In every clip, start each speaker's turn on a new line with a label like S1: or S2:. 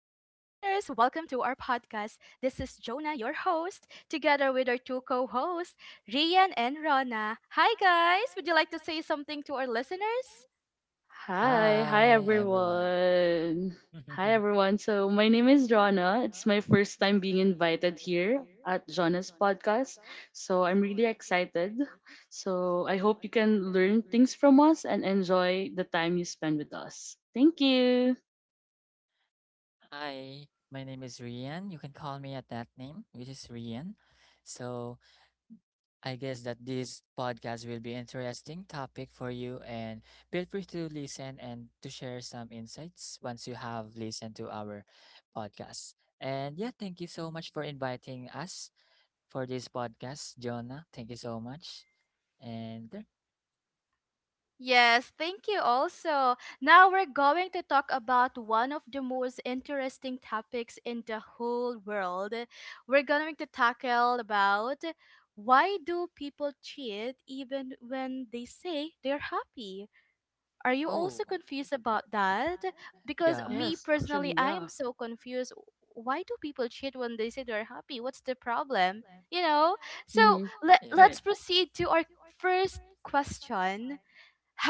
S1: Welcome to our podcast. This is Jonah, your host, together with our two co hosts, Rian and Rona. Hi, guys. Would you like to say something to our listeners?
S2: Hi
S3: Hi, everyone.
S2: everyone. Hi everyone. So my name is Jonna. It's my first time being invited here at Jonna's podcast. So I'm really excited. So I hope you can learn things from us and enjoy the time you spend with us. Thank you.
S3: Hi, my name is Rian. You can call me at that name, which is Rian. So I guess that this podcast will be interesting topic for you and feel free to listen and to share some insights once you have listened to our podcast. And yeah, thank you so much for inviting us for this podcast, Jonah. Thank you so much. And there-
S1: Yes, thank you also. Now we're going to talk about one of the most interesting topics in the whole world. We're going to tackle about, why do people cheat even when they say they're happy? Are you
S3: oh,
S1: also confused about that? Because
S3: yeah.
S2: Yes,
S1: me
S2: actually,
S1: personally, I
S2: yeah.
S1: am so confused. Why do people cheat when they say they're happy? What's the problem? You know?
S2: Mm-hmm.
S1: So let,
S2: Right.
S3: Yeah.
S1: let's proceed to our first question.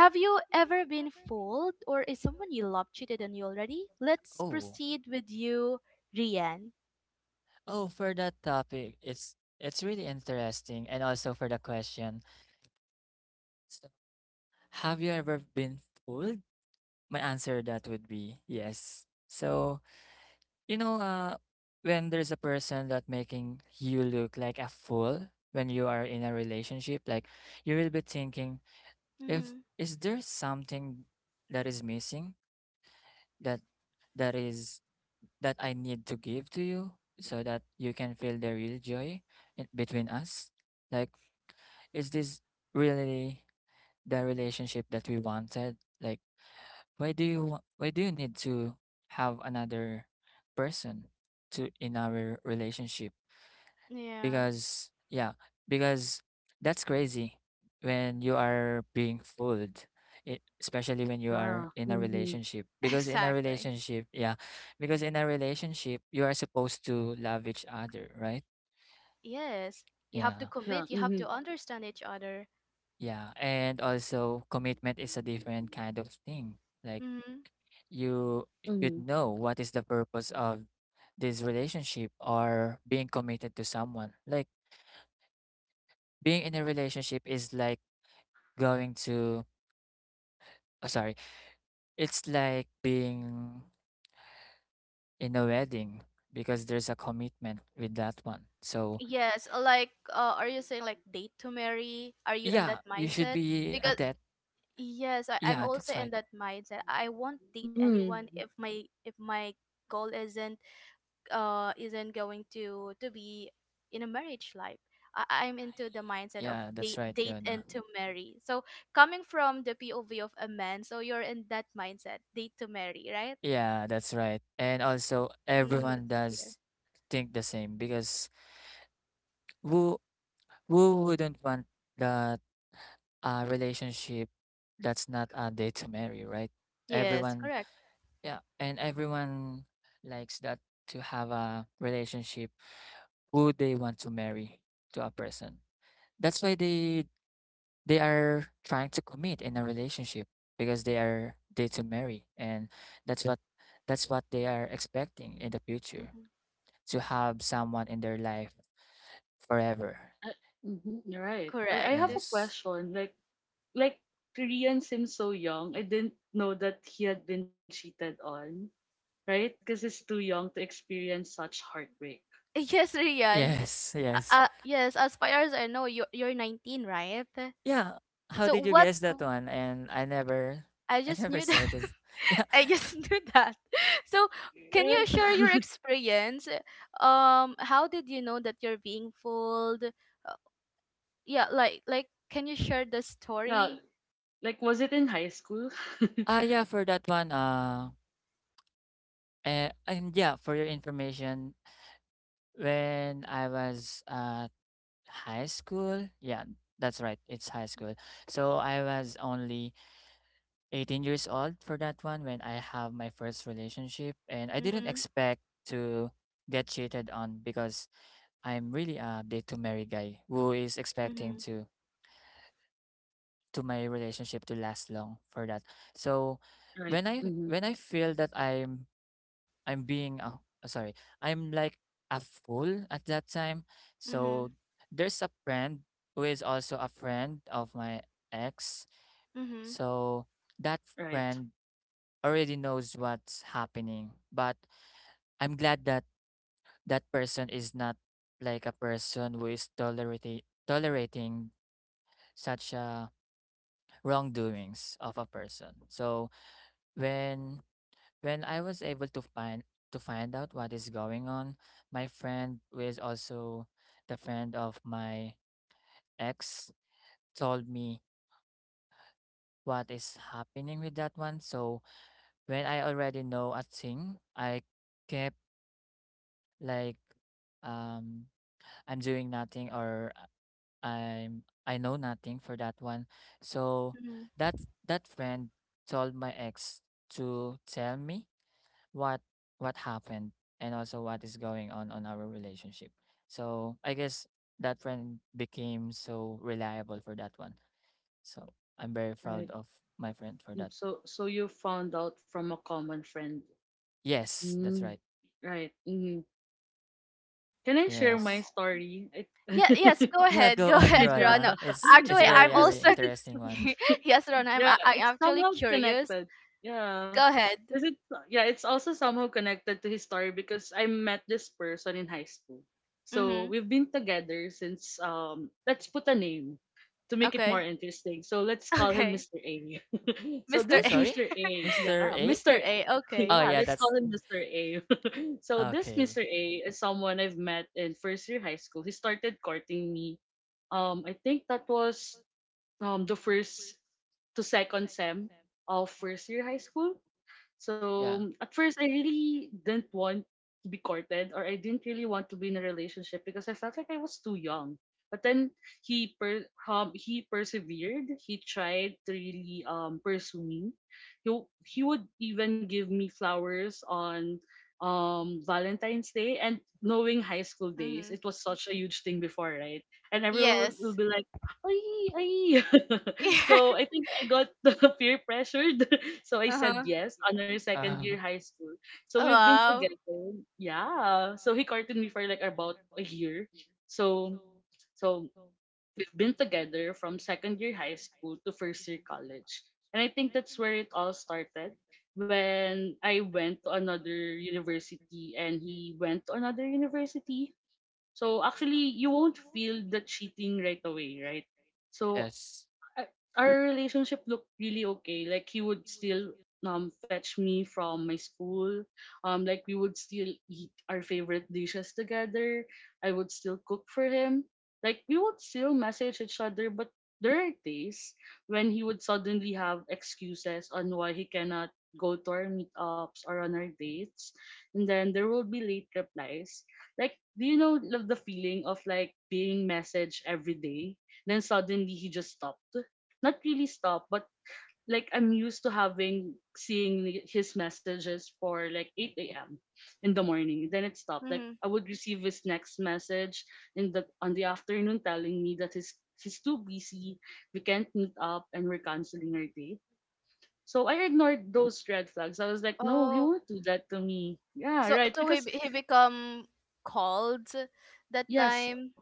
S1: Have you ever been fooled or is someone you love cheated on you already? Let's
S3: Oh,
S1: proceed with you, Rian.
S3: oh, for that topic, it's really interesting, and also for the question. So, have you ever been fooled? My answer that would be yes. So, you know, uh, when there's a person that making you look like a fool when you are in a relationship, like you will be thinking, if
S1: Mm-hmm.
S3: is there something that is missing that that is that I need to give to you so that you can feel the real joy in, between us? Like, is this really the relationship that we wanted? Like, why do you need to have another person to in our relationship?
S1: Yeah,
S3: Because yeah, because that's crazy when you are being fooled, it, especially when you are
S2: Ah.
S3: in a
S2: Mm-hmm.
S3: relationship. Because in a
S1: exactly.
S3: relationship, yeah, because in a relationship you are supposed to love each other, right?
S1: Yes, you
S3: Yeah,
S1: have to
S2: Yeah.
S1: commit, you
S2: Mm-hmm.
S1: have to understand each other.
S3: yeah, and also commitment is a different kind of thing. Like
S1: Hmm.
S3: you
S2: Mm-hmm.
S3: should know what is the purpose of this relationship or being committed to someone. Like being in a relationship is like going to Oh, sorry. It's like being in a wedding because there's a commitment with that one. So,
S1: Yes, like are you saying like date to marry? Are you in
S3: yeah,
S1: that
S3: you should
S1: mindset?
S3: be a
S1: Because
S3: debt.
S1: yes, I,
S3: Yeah,
S1: I'm
S3: that's
S1: also
S3: right.
S1: in that mindset. I won't date
S2: Mm-hmm.
S1: anyone if my goal isn't going to be in a marriage life. I'm into the mindset of
S3: Yeah, that's
S1: date
S3: right,
S1: date
S3: Jonah.
S1: and to marry. So coming from the POV of a man, so you're in that mindset, date to marry, right?
S3: Yeah, that's right. And also,
S1: Mm,
S3: everyone
S1: that's good
S3: does
S1: here.
S3: think the same because who who wouldn't want that relationship that's not a date to marry, right?
S1: Yes,
S3: Everyone,
S1: correct.
S3: yeah, and everyone likes that to have a relationship who they want to marry to a person. That's why they are trying to commit in a relationship because they are they to marry and that's what that's what they are expecting in the future
S1: Mhm.
S3: to have someone in their life forever.
S2: I, mm You're right. I have
S1: Correct.
S2: a
S3: Yes.
S2: question. Like Korean seems so young. I didn't know that he had been cheated on, right? Because he's too young to experience such heartbreak,
S1: Yes, Rian.
S3: Yes,
S1: Uh,
S3: yes.
S1: uh, yes, as far as I know, you're 19, right?
S3: Yeah. How did
S1: So
S3: you
S1: what?
S3: guess that one? And
S1: I
S3: I
S1: just
S3: never
S1: knew
S3: said
S1: that.
S3: this. Yeah.
S1: I just knew that. So can
S2: right?
S1: you share your experience? How did you know that you're being fooled? Uh, yeah, like, can you share the
S2: Yeah,
S1: story?
S2: like, was it in high school?
S3: Ah yeah, for that one, and yeah, for your information, when I was high school. Yeah, that's right. It's high school. So I was only 18 years old for that one when I have my first relationship and I didn't
S1: Mm-hmm.
S3: expect to get cheated on because I'm really a date to marry guy who is expecting
S1: Mm-hmm.
S3: to my relationship to last long for that. So
S2: Right. Hmm.
S3: when I feel that I'm being oh sorry. I'm like a fool at that time.
S1: Mm-hmm.
S3: So there's a friend who is also a friend of my ex.
S1: Mm-hmm.
S3: So that
S2: Right,
S3: friend already knows what's happening. But I'm glad that that person is not like a person who is tolerating such wrongdoings of a person. So when when I was able to find out what is going on, my friend, who is also the friend of my ex, told me what is happening with that one. So when I already know a thing, I kept like um I'm doing nothing or I know nothing for that one. So
S1: Hmm.
S3: that that friend told my ex to tell me what what happened and also what is going on our relationship. So I guess that friend became so reliable for that one. So I'm very proud
S2: right.
S3: of my friend for that.
S2: So, so you found out from a common friend,
S3: Yes, that's
S2: mm,
S3: right.
S2: right? Can I share my
S3: Yes.
S1: Oh.
S2: story?
S1: Yeah. Yes. Go
S3: Yeah,
S1: ahead.
S3: go
S1: Go
S3: on,
S2: Yeah,
S1: ahead,
S3: Rona.
S1: Rana.
S3: It's it's
S1: Actually,
S2: yeah.
S3: very
S1: I'm
S3: very
S1: also.
S3: interesting one.
S1: Yes, Rana. I'm.
S2: Yeah,
S1: I,
S2: it's
S1: I'm actually
S2: somehow
S1: curious.
S2: connected. Yeah.
S1: Go
S2: Cause
S1: ahead.
S2: it's yeah, it's also somehow connected to his story because I met this person in high school. So
S1: Mm-hmm.
S2: we've been together since let's put a name to make it more
S1: Okay.
S2: interesting. So let's call him
S1: Okay.
S2: Mr. A. So
S3: Oh,
S1: Mr. A.
S2: this
S3: sorry,
S2: Mr. A
S3: Mr. A.
S2: Mr. A,
S1: Mr. A. Okay.
S3: Oh
S2: yeah,
S3: yeah,
S2: let's call
S3: that's
S2: him Mr. A. So this
S3: okay.
S2: Mr. A is someone I've met in first year high school. He started courting me. I think that was the first to second sem of first year high school.
S3: Yeah.
S2: So at first, I really didn't want to be courted, or I didn't really want to be in a relationship because I felt like I was too young. But then he persevered. He tried to really pursue me. He he would even give me flowers on Valentine's Day, and knowing high school days,
S1: Mm-hmm.
S2: it was such a huge thing before, right? And everyone will
S1: Yes.
S2: be like, Ay, ay. So I
S1: Yeah.
S2: think I got peer pressured. So I said
S1: Uh-huh.
S2: yes on our second year
S3: Uh,
S2: high school. So we've been
S1: Wow.
S2: together. Yeah. So he courted me for like about a year. So, so we've been together from second year high school to first year college. And I think that's where it all started, when I went to another university and he went to another university. So, actually, you won't feel the cheating right away, right? So
S3: yes.
S2: our relationship looked really okay. Like, he would still fetch me from my school. Like we would still eat our favorite dishes together. I would still cook for him. Like, we would still message each other, but there are days when he would suddenly have excuses on why he cannot go to our meetups or on our dates. And then there will be late replies. Like, do you know the feeling of like being messaged every day? Then suddenly he just stopped, not really stop, but like, I'm used to having seeing his messages for like 8 a.m. in the morning. Then it stopped. Like,
S1: Mm-hmm.
S2: I would receive his next message in the on the afternoon, telling me that he's too busy, we can't meet up, and we're canceling our date. So I ignored those red flags. I was like, no, he
S1: Oh,
S2: won't do that to me. Yeah,
S1: so
S2: right.
S1: so he
S2: Because
S1: be- he become called that
S2: yes,
S1: time.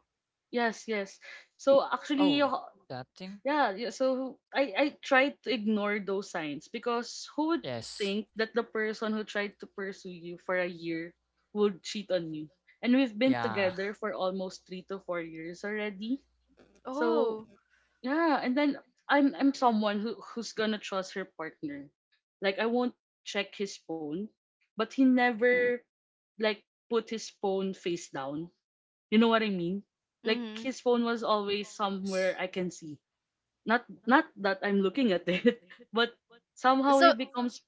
S2: yes, yes. So actually,
S3: Oh, that thing.
S2: yeah, yeah. So I try to ignore those signs, because who would
S3: Yes.
S2: think that the person who tried to pursue you for a year would cheat on you? And we've been
S3: Yeah.
S2: together for almost 3 to 4 years already. So
S1: Oh.
S2: yeah, and then I'm someone who's gonna trust her partner. Like, I won't check his phone, but he never like put his phone face down. You know what I mean? Like,
S1: Mm-hmm.
S2: his phone was always somewhere
S3: Yes.
S2: I can see, not that I'm looking at it, but somehow he
S1: So
S2: becomes,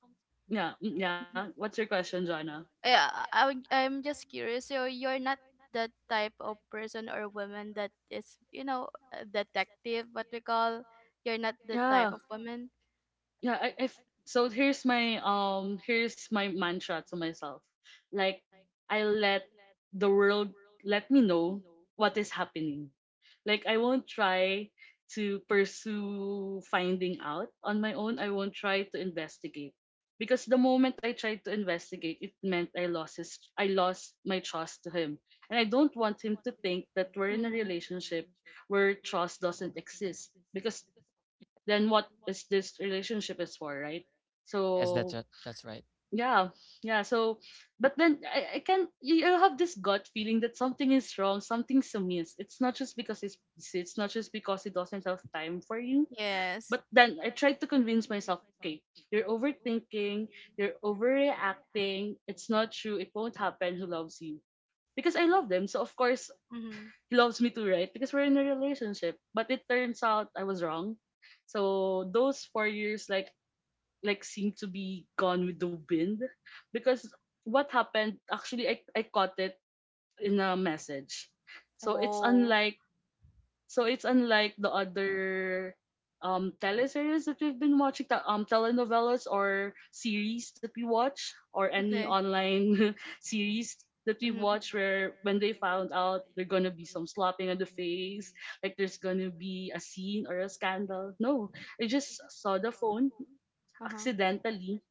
S2: yeah, mm, yeah. What's your question, Jana?
S1: yeah, I'm just curious. So you're not that type of person or woman that is a detective, what we call. You're not the type
S2: Yeah,
S1: of woman.
S2: yeah. So here's my mantra to myself. Like, I let the world let me know what is happening. Like, I won't try to pursue finding out on my own. I won't try to investigate, because the moment I tried to investigate, it meant I lost my trust to him. And I don't want him to think that we're in a
S1: Mm-hmm.
S2: relationship where trust doesn't exist, because then what is this relationship is for, right?
S3: Yes, that's
S2: So
S3: right. That's right.
S2: yeah, yeah. So but then, I can you have this gut feeling that something is wrong, something's amiss. It's not just because he's busy, it's not just because he doesn't have time for you.
S1: Yes.
S2: But then I tried to convince myself, okay, you're overthinking, you're overreacting, it's not true, it won't happen, who loves you. Because I love them, so of course
S1: Mm-hmm.
S2: he loves me too, right? Because we're in a relationship. But it turns out I was wrong. So those 4 years, like, seem to be gone with the wind. Because what happened, actually, I caught it in a message. So it's
S1: Oh.
S2: unlike so it's unlike the other teleseries that we've been watching, telenovelas or series that we watch, or any
S1: Okay.
S2: online series that we've
S1: Mm-hmm.
S2: watched, where when they found out, there's gonna be some slapping on the face, like there's gonna be a scene or a scandal. No, I just saw the phone
S1: Uh-huh.
S2: accidentally.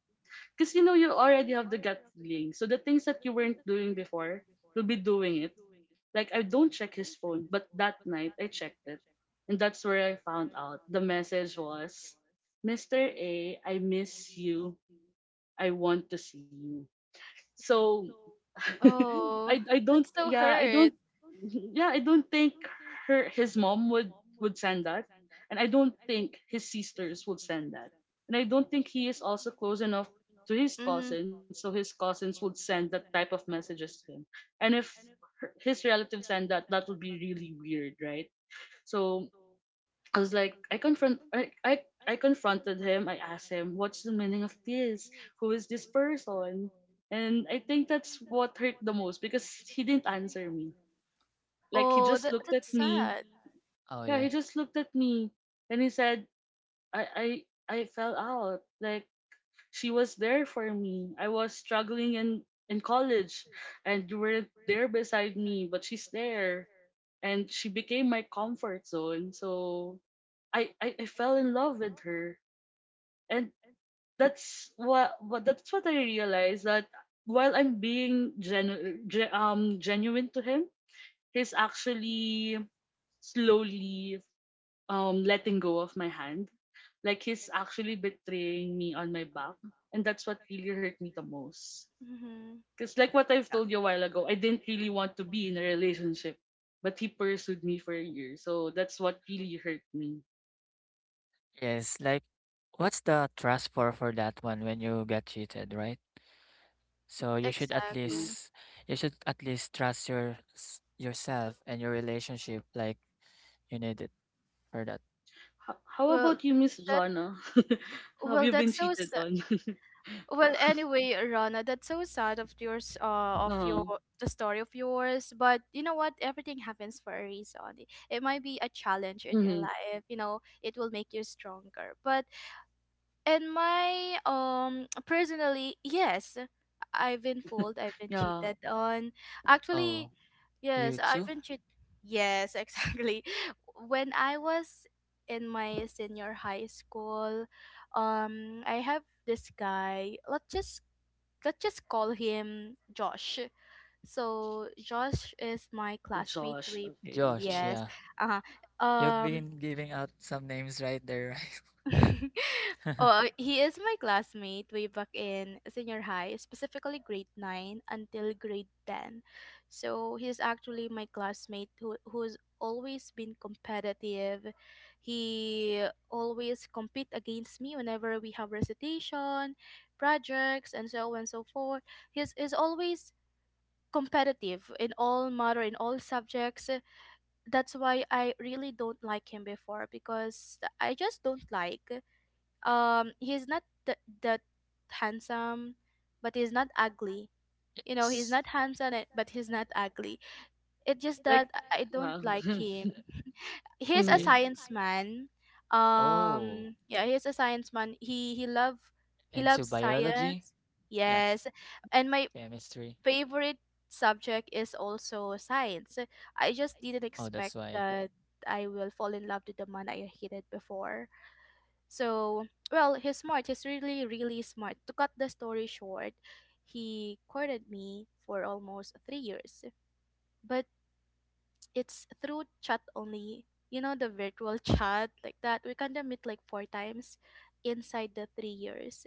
S2: Because you know you already have the gut feeling. So the things that you weren't doing before, you'll be doing it. Like, I don't check his phone, but that night I checked it. And that's where I found out. The message was, "Mr. A, I miss you. I want to see you." So
S1: Oh,
S2: I don't
S1: that's so
S2: yeah I don't
S1: hurt.
S2: yeah I don't think her his mom would send that, and I don't think his sisters would send that, and I don't think he is also close enough to his
S1: Mm-hmm.
S2: cousins so his cousins would send that type of messages to him. And if his relatives send that, that would be really weird, right? So I was like, I confronted him. I asked him, "What's the meaning of this? Who is this person?" And I think that's what hurt the most, because he didn't answer me. Like, he
S1: Oh,
S2: just
S1: that
S2: looked at
S1: that's
S2: me.
S1: sad.
S3: Oh
S2: Yeah,
S3: yeah.
S2: he just looked at me, and he said, I fell out. Like, she was there for me. I was struggling in college, and you weren't there beside me, but she's there." And she became my comfort zone. So, I fell in love with her, and that's what I realized, that while I'm being genuine to him, he's actually slowly letting go of my hand, like he's actually betraying me on my back, and that's what really hurt me the most.
S1: Mm-hmm.
S2: Because like what I've told you a while ago, I didn't really want to be in a relationship, but he pursued me for a year, so that's what really hurt me.
S3: Yes, like what's the trust for that one when you get cheated, right? So
S2: You know?
S1: Exactly.
S3: you should at least trust yourself and your relationship like you need it for that.
S2: How
S1: Well,
S2: about you, Miss
S1: that
S2: Jonna? Have
S1: well,
S2: you been
S1: that's so
S2: cheated
S1: sad.
S2: on?
S1: Well, anyway, Rana, that's so sad of yours, of your
S2: No.
S1: the story of yours. But you know what? Everything happens for a reason. It might be a challenge in your
S2: Hmm.
S1: life. It will make you stronger. But and my personally, yes, I've been fooled, I've been
S2: Yeah.
S1: cheated on. Actually,
S3: Oh, you
S1: yes, I've
S3: too?
S1: been cheated. Yes, exactly. When I was in my senior high school, I have this guy. Let's just call him Josh. So Josh is my classmate.
S2: Josh.
S1: We.
S2: Okay.
S3: Josh,
S1: Yes.
S3: yeah.
S1: Uh-huh.
S3: You've
S1: Um
S3: been giving out some names right there, right?
S1: oh, he is my classmate way back in senior high, specifically grade 9 until grade 10. So he's actually my classmate who's always been competitive. He always compete against me whenever we have recitation, projects and so on and so forth. He's is always competitive in all matter in all subjects. That's why I really don't like him before, because I just don't like. He's not that handsome, but he's not ugly. He's
S3: Yes.
S1: not handsome but he's not ugly. It's just that
S2: Like,
S1: I don't
S2: yeah.
S1: like him.
S3: Well,
S1: He's a
S3: be-
S2: Hmm.
S1: science man.
S3: Oh,
S1: Yeah, he's a science man. he he love he
S3: into
S1: loves
S3: biology?
S1: science.
S3: Yeah,
S1: Yes, and my
S3: chemistry.
S1: favorite subject is also science. I just didn't
S3: Oh, that's
S1: expect
S3: why.
S1: that I will fall in love with the man I hated before. So, well, he's smart. He's really, really smart. To cut the story short, he courted me for almost 3 years. But it's through chat only. The virtual chat like that. We kind of meet like four times inside the 3 years.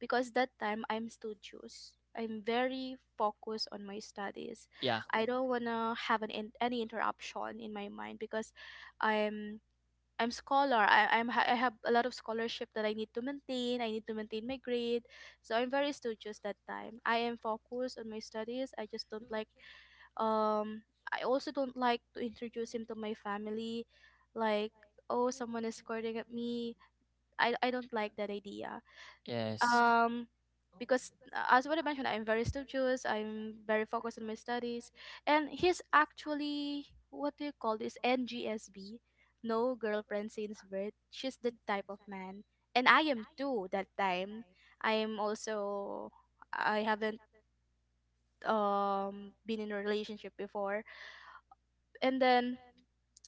S1: Because that time I'm studious. I'm very focused on my studies.
S3: Yeah,
S1: I don't want to have an any interruption in my mind, because I'm I'm scholar. I have a lot of scholarship that I need to maintain. I need to maintain my grade, so I'm very studious that time. I am focused on my studies. I just don't like um. I also don't like to introduce him to my family, like, oh, someone is scolding at me. I don't like that idea.
S3: yes.
S1: um because as what I mentioned, I'm very studious. I'm very focused on my studies, and he's actually what do you call this, NGSB, no girlfriend since birth. She's the type of man, and I am too. That time, I am also I haven't been in a relationship before, and then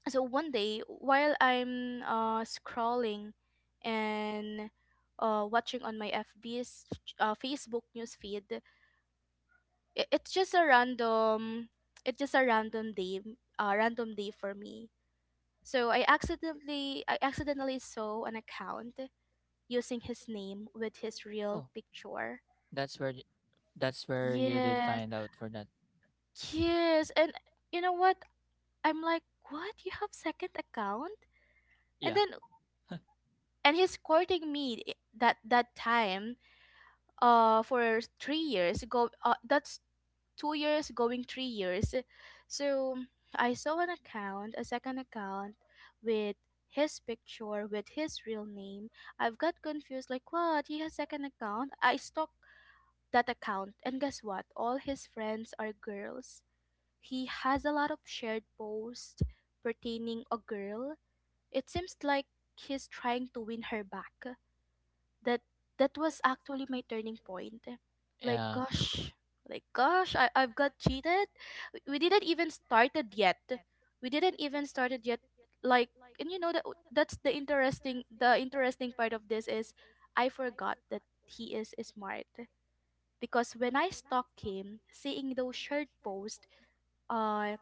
S1: so one day while I'm scrolling and watching on my FB's, Facebook newsfeed, it, it's just a random it's just a random day, a random day for me. So I accidentally saw an account using his name with his real
S3: Oh,
S1: picture.
S3: that's where y- that's where you did
S1: Yes,
S3: find out for that.
S1: yes, and you know what, I'm like, what, you have second account? And
S3: Yeah.
S1: then, and he's courting me, that time, for 3 years go, that's 2 years going 3 years. So I saw an account, a second account, with his picture with his real name. I've got confused, like, what, he has second account. I stalked that account, and guess what, all his friends are girls. He has a lot of shared posts pertaining a girl. It seems like he's trying to win her back. That that was actually my turning point. Like
S3: Yeah.
S1: gosh, like gosh, I've got cheated. We didn't even started yet. We didn't even started yet. Like, and you know, that's the interesting part of this is, I forgot that he is smart, because when I stalked him, seeing those shirt posts, uh,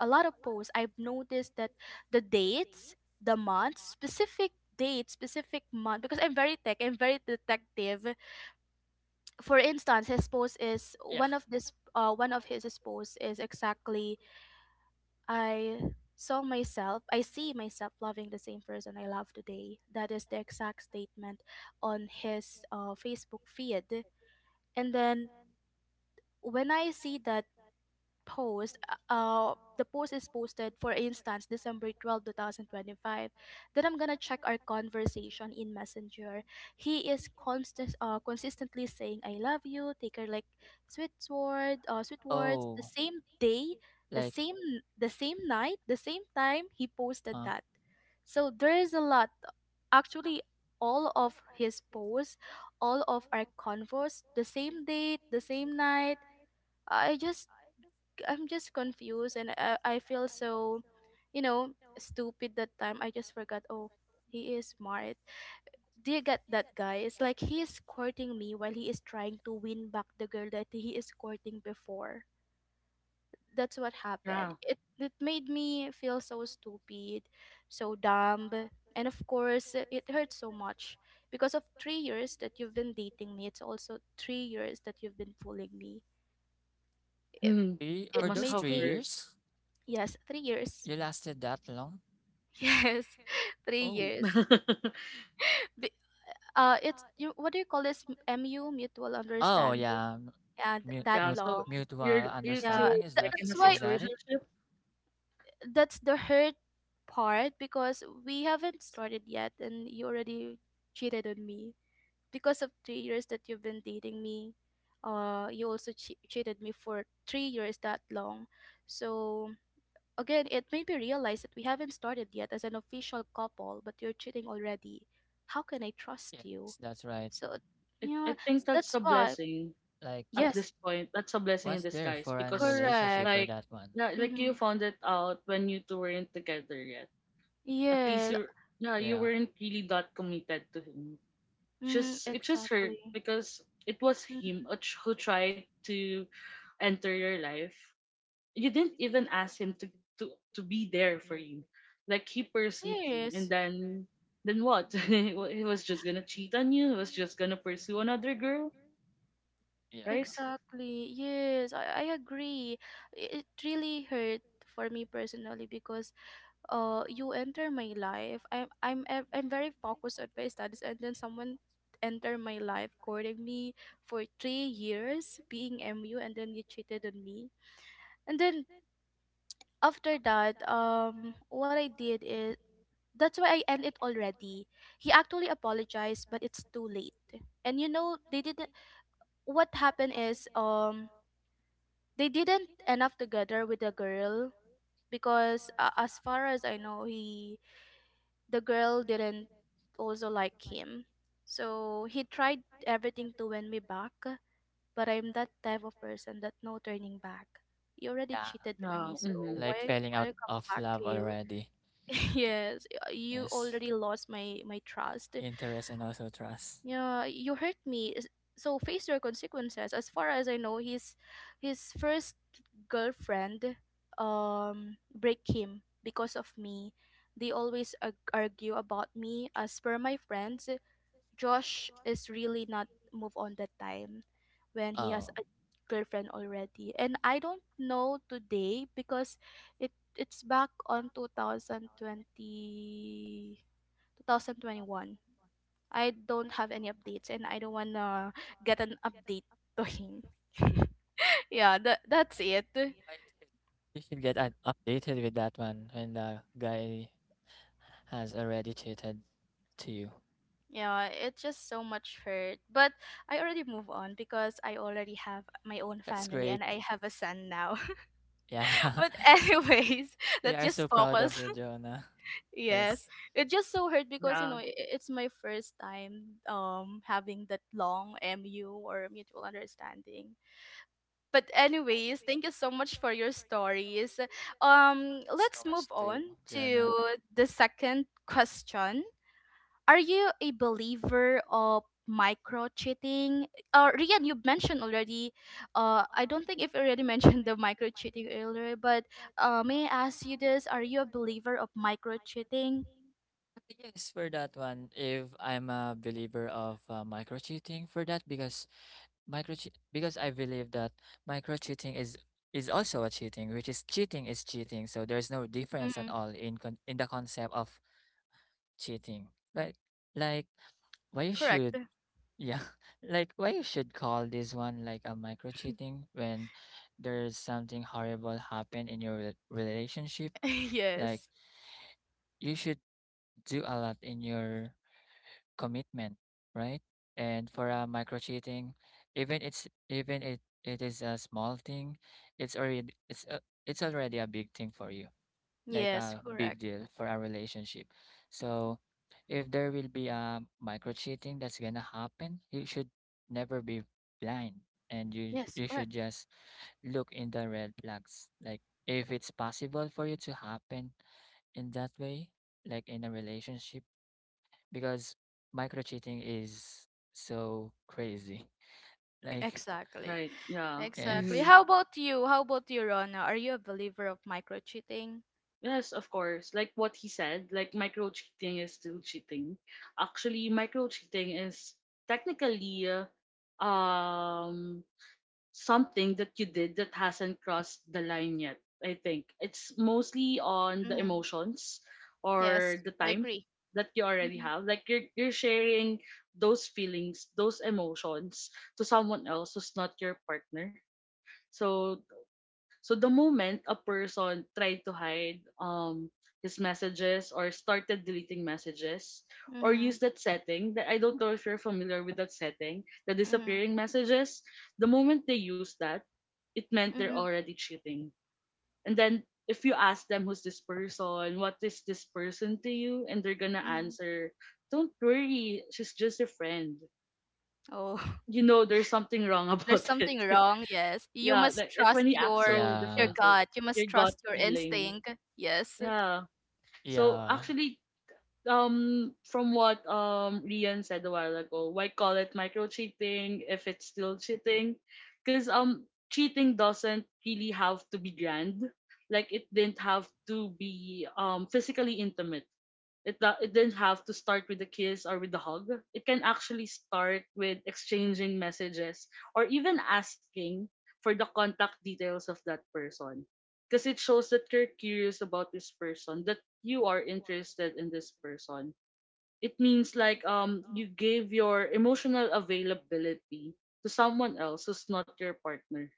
S1: a lot of posts, I've noticed that the dates, the months, specific date, specific month, because I'm very tech, I'm very detective. For instance, his post is
S3: Yeah.
S1: one of this, one of his posts is exactly, I see myself loving the same person I love today. That is the exact statement on his, Facebook feed, and then when I see that post, the post is posted for instance December 12 2025, then I'm gonna check our conversation in messenger. He is constant consistently saying I love you, take her, like sweet word, sweet words the
S3: Oh,
S1: same day, the
S3: like
S1: same the same night, the same time he posted
S3: uh
S1: that. So there is a lot, actually all of his posts, all of our convos the same date, the same night. I just I'm just confused, and I feel so, you know, stupid that time. I just forgot, oh, he is smart. Do you get that, guy? It's like he is courting me while he is trying to win back the girl that he is courting before. That's what happened.
S2: Yeah.
S1: It made me feel so stupid, so dumb. And of course, it hurts so much, because of 3 years that you've been dating me. It's also 3 years that you've been fooling me. It,
S2: Hmm.
S3: three
S2: That
S1: it
S3: for
S2: must
S3: those
S1: made
S2: have
S3: three
S1: me,
S2: hurt.
S3: years?
S1: yes, 3 years.
S3: You lasted that long?
S1: Yes, three
S3: Oh.
S1: years. Be- it's you. What do you call this? MU, mutual
S3: Oh
S1: understanding.
S3: yeah.
S1: Yeah, th-
S3: Mu-
S1: that
S2: Yeah.
S3: mu-
S2: So
S1: long.
S3: mutual
S2: you
S1: Yeah,
S2: two,
S3: understanding
S1: tha-
S2: like, in
S1: that's
S2: a
S1: why.
S3: is that it?
S2: situationship.
S1: That's the hurt part, because we haven't started yet, and you already cheated on me because of 3 years that you've been dating me. You also cheated me for 3 years that long. So again, it made me realize that we haven't started yet as an official couple, but you're cheating already. How can I trust you?
S3: Yes, that's right.
S1: So,
S2: I
S1: yeah,
S2: think that's
S1: that's
S2: a
S1: why.
S2: blessing
S3: Like,
S2: at
S1: Yes,
S2: this point. That's a blessing in
S3: what's
S2: this.
S3: there for an relationship
S1: correct.
S3: for
S2: Like,
S3: that one?
S2: yeah, like, you
S1: Mm-hmm.
S2: found it out when you two weren't together yet. At least
S1: Yeah,
S2: you
S3: Yeah,
S2: weren't really that committed to him.
S1: mm-hmm,
S2: Just it just hurt,
S1: exactly.
S2: because it was him
S1: Mhm.
S2: who tried to enter your life. You didn't even ask him to to be there for you. Like, he pursued you, and
S1: Yes.
S2: then what? He was just gonna cheat on you. He was just gonna pursue another girl,
S3: yeah,
S2: right?
S1: Exactly. Yes, I agree. It really hurt for me personally, because you enter my life. I'm very focused on my studies, and then someone enter my life courting me for 3 years being MU, and then you cheated on me. And then after that, what I did is that's why I end it already. He actually apologized, but it's too late. And you know, they didn't what happened is, they didn't end up together with the girl, because as far as I know, he the girl didn't also like him. So he tried everything to win me back, but I'm that type of person that no turning back. You already
S3: yeah.
S1: cheated on me,
S2: Yeah.
S1: so
S2: Mm-hmm.
S3: Like
S1: why
S3: failing
S1: why
S3: out
S1: come
S3: of
S1: back to
S3: love
S1: you?
S3: already.
S1: Yes, you
S3: Yes,
S1: already lost my trust.
S3: interest and also trust.
S1: Yeah, you hurt me. So face your consequences. As far as I know, his first girlfriend break him because of me. They always argue about me. As per my friends, Josh is really not move on that time when he has
S3: Oh,
S1: a girlfriend already. And I don't know today because it's back on 2021. I don't have any updates, and I don't wanna get an update to him. Yeah, that's it.
S3: I should- you should get an updated with that one when the guy has already cheated to you.
S1: Yeah, it's just so much hurt. But I already move on because I already have my own
S3: That's
S1: family,
S3: great.
S1: and I have a son now.
S3: Yeah.
S1: But anyways,
S3: We
S1: that
S3: are so
S1: just
S3: proud of
S1: focus.
S3: you, Jonah.
S1: Yes,
S3: Yes. Yes.
S1: it just so hurt because
S2: Yeah.
S1: it's my first time having that long MU or mutual understanding. But anyways, thank you so much for your stories. Um,
S3: So
S1: let's move
S3: much to
S1: on to
S3: Jonah.
S1: the second question. Are you a believer of micro cheating? Rian, you mentioned already. I don't think if you already mentioned the micro cheating earlier, but may I ask you this? Are you a believer of micro cheating?
S3: But Yes, for that one, if I'm a believer of micro cheating for that because micro because I believe that micro cheating is also a cheating, which is cheating is cheating. So there's no difference at
S1: Mm,
S3: all in in the concept of cheating, right? Like why you should
S1: correct.
S3: Yeah, like why you should call this one like a micro cheating when there's something horrible happen in your relationship? Like
S1: Yes.
S3: you should do a lot in your commitment, right? And for a micro cheating, even it's even it it is a small thing, it's already a big thing for you like
S1: Yes,
S3: a big
S1: correct.
S3: deal for our relationship. So if there will be a micro cheating that's gonna happen, you should never be blind and you
S1: Yes,
S3: you
S1: correct.
S3: should just look in the red flags. Like if it's possible for you to happen in that way, like in a relationship, because micro cheating is so crazy. Like
S1: Exactly.
S2: Right. Yeah.
S1: Exactly.
S2: Mm-hmm.
S3: yes.
S1: How about you? How about you, Rona? Are you a believer of micro cheating?
S2: Yes, of course. Like what he said, like, micro cheating is still cheating. Actually, micro cheating is technically um something that you did that hasn't crossed the line yet. I think it's mostly on the
S1: Mm-hmm.
S2: emotions
S1: Yes,
S2: or the
S1: I
S2: time
S1: agree.
S2: that you already
S1: Mm-hmm.
S2: have. Like, you're sharing those feelings, those emotions, to someone else who's not your partner. So, so the moment a person tried to hide his messages, or started deleting messages, or
S1: Mm-hmm.
S2: use that setting that I don't know if you're familiar with, that setting, the
S1: Mm-hmm.
S2: disappearing messages, the moment they use that, it meant they're
S1: Mm-hmm.
S2: already cheating. And then if you ask them, who's this person, what is this person to you, and they're gonna
S1: Mm-hmm.
S2: answer, don't worry, she's just a friend.
S1: Oh,
S2: You know there's something wrong
S1: there's
S2: about it.
S1: something wrong. Yes, you
S2: Yeah, like,
S1: must
S2: when
S1: trust
S2: he acts
S1: your
S2: so,
S1: your
S3: Yeah.
S2: like,
S1: gut. You
S2: your
S1: must
S2: gut
S1: trust your
S2: feeling.
S1: instinct. Yes.
S2: Yeah. So
S3: Yeah.
S2: actually, from what Rian said a while ago, why call it micro cheating if it's still cheating? Because cheating doesn't really have to be grand. Like, it didn't have to be physically intimate. It didn't have to start with a kiss or with a hug. It can actually start with exchanging messages or even asking for the contact details of that person, because it shows that you're curious about this person, that you are interested in this person. It means like you gave your emotional availability to someone else who's not your partner.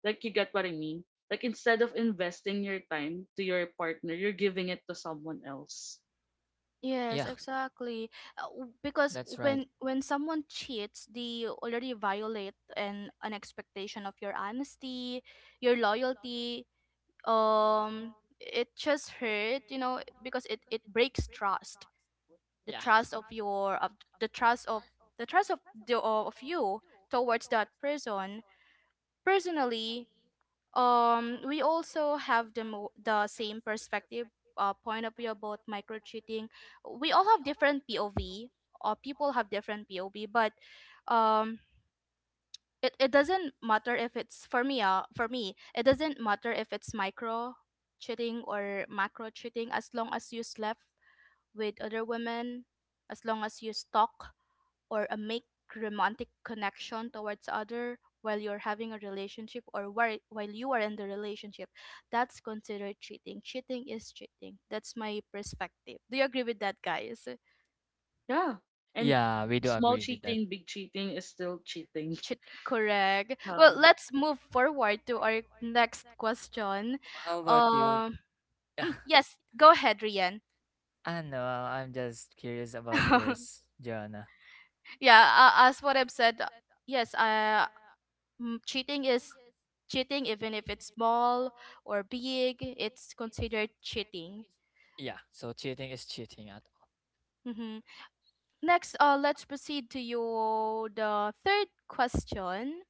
S2: Like, you get what I mean? Like, instead of investing your time to your partner, you're giving it to someone else.
S1: Yes,
S3: Yeah,
S1: exactly. Because
S3: that's right.
S1: when someone cheats, they already violate an expectation of your honesty, your loyalty, um it just hurt, you know, because it breaks trust, the
S3: Yeah.
S1: trust of your of the trust of the trust of the of you towards that person personally. We also have the same perspective, point of view about micro cheating. We all have different pov, or people have different pov, but um it doesn't matter if it's for me, for me it doesn't matter if it's micro cheating or macro cheating, as long as you slept with other women, as long as you stalk or make romantic connection towards other while you're having a relationship, or while you are in the relationship, that's considered cheating. Cheating is cheating. That's my perspective. Do you agree with that, guys?
S2: Yeah. And
S3: Yeah, we do
S2: small
S3: agree with that.
S2: cheating, big cheating is still cheating.
S1: Cheating, correct. Well,
S2: Yeah.
S1: let's move forward to our next question.
S3: How about you?
S1: um
S3: Yeah,
S1: yes, go ahead, Rian.
S3: I don't know. I'm just curious about yours, Joanna.
S1: Yeah, as what I've said, yes uh cheating is cheating, even if it's small or big, it's considered cheating.
S3: Yeah, so cheating is cheating at
S1: Mm-hmm. Next, let's proceed to your the third question.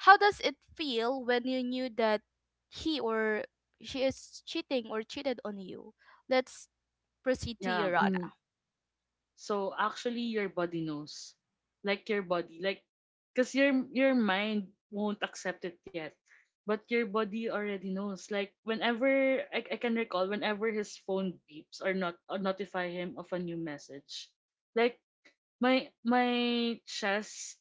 S1: How does it feel when you knew that he or she is cheating or cheated on you? Let's proceed to you,
S2: Yeah. Mm.
S1: Rana.
S2: So actually your body knows. Like your body, like cuz your mind won't accept it yet. But your body already knows. Like whenever I can recall whenever his phone beeps or not, or notify him of a new message. Like my chest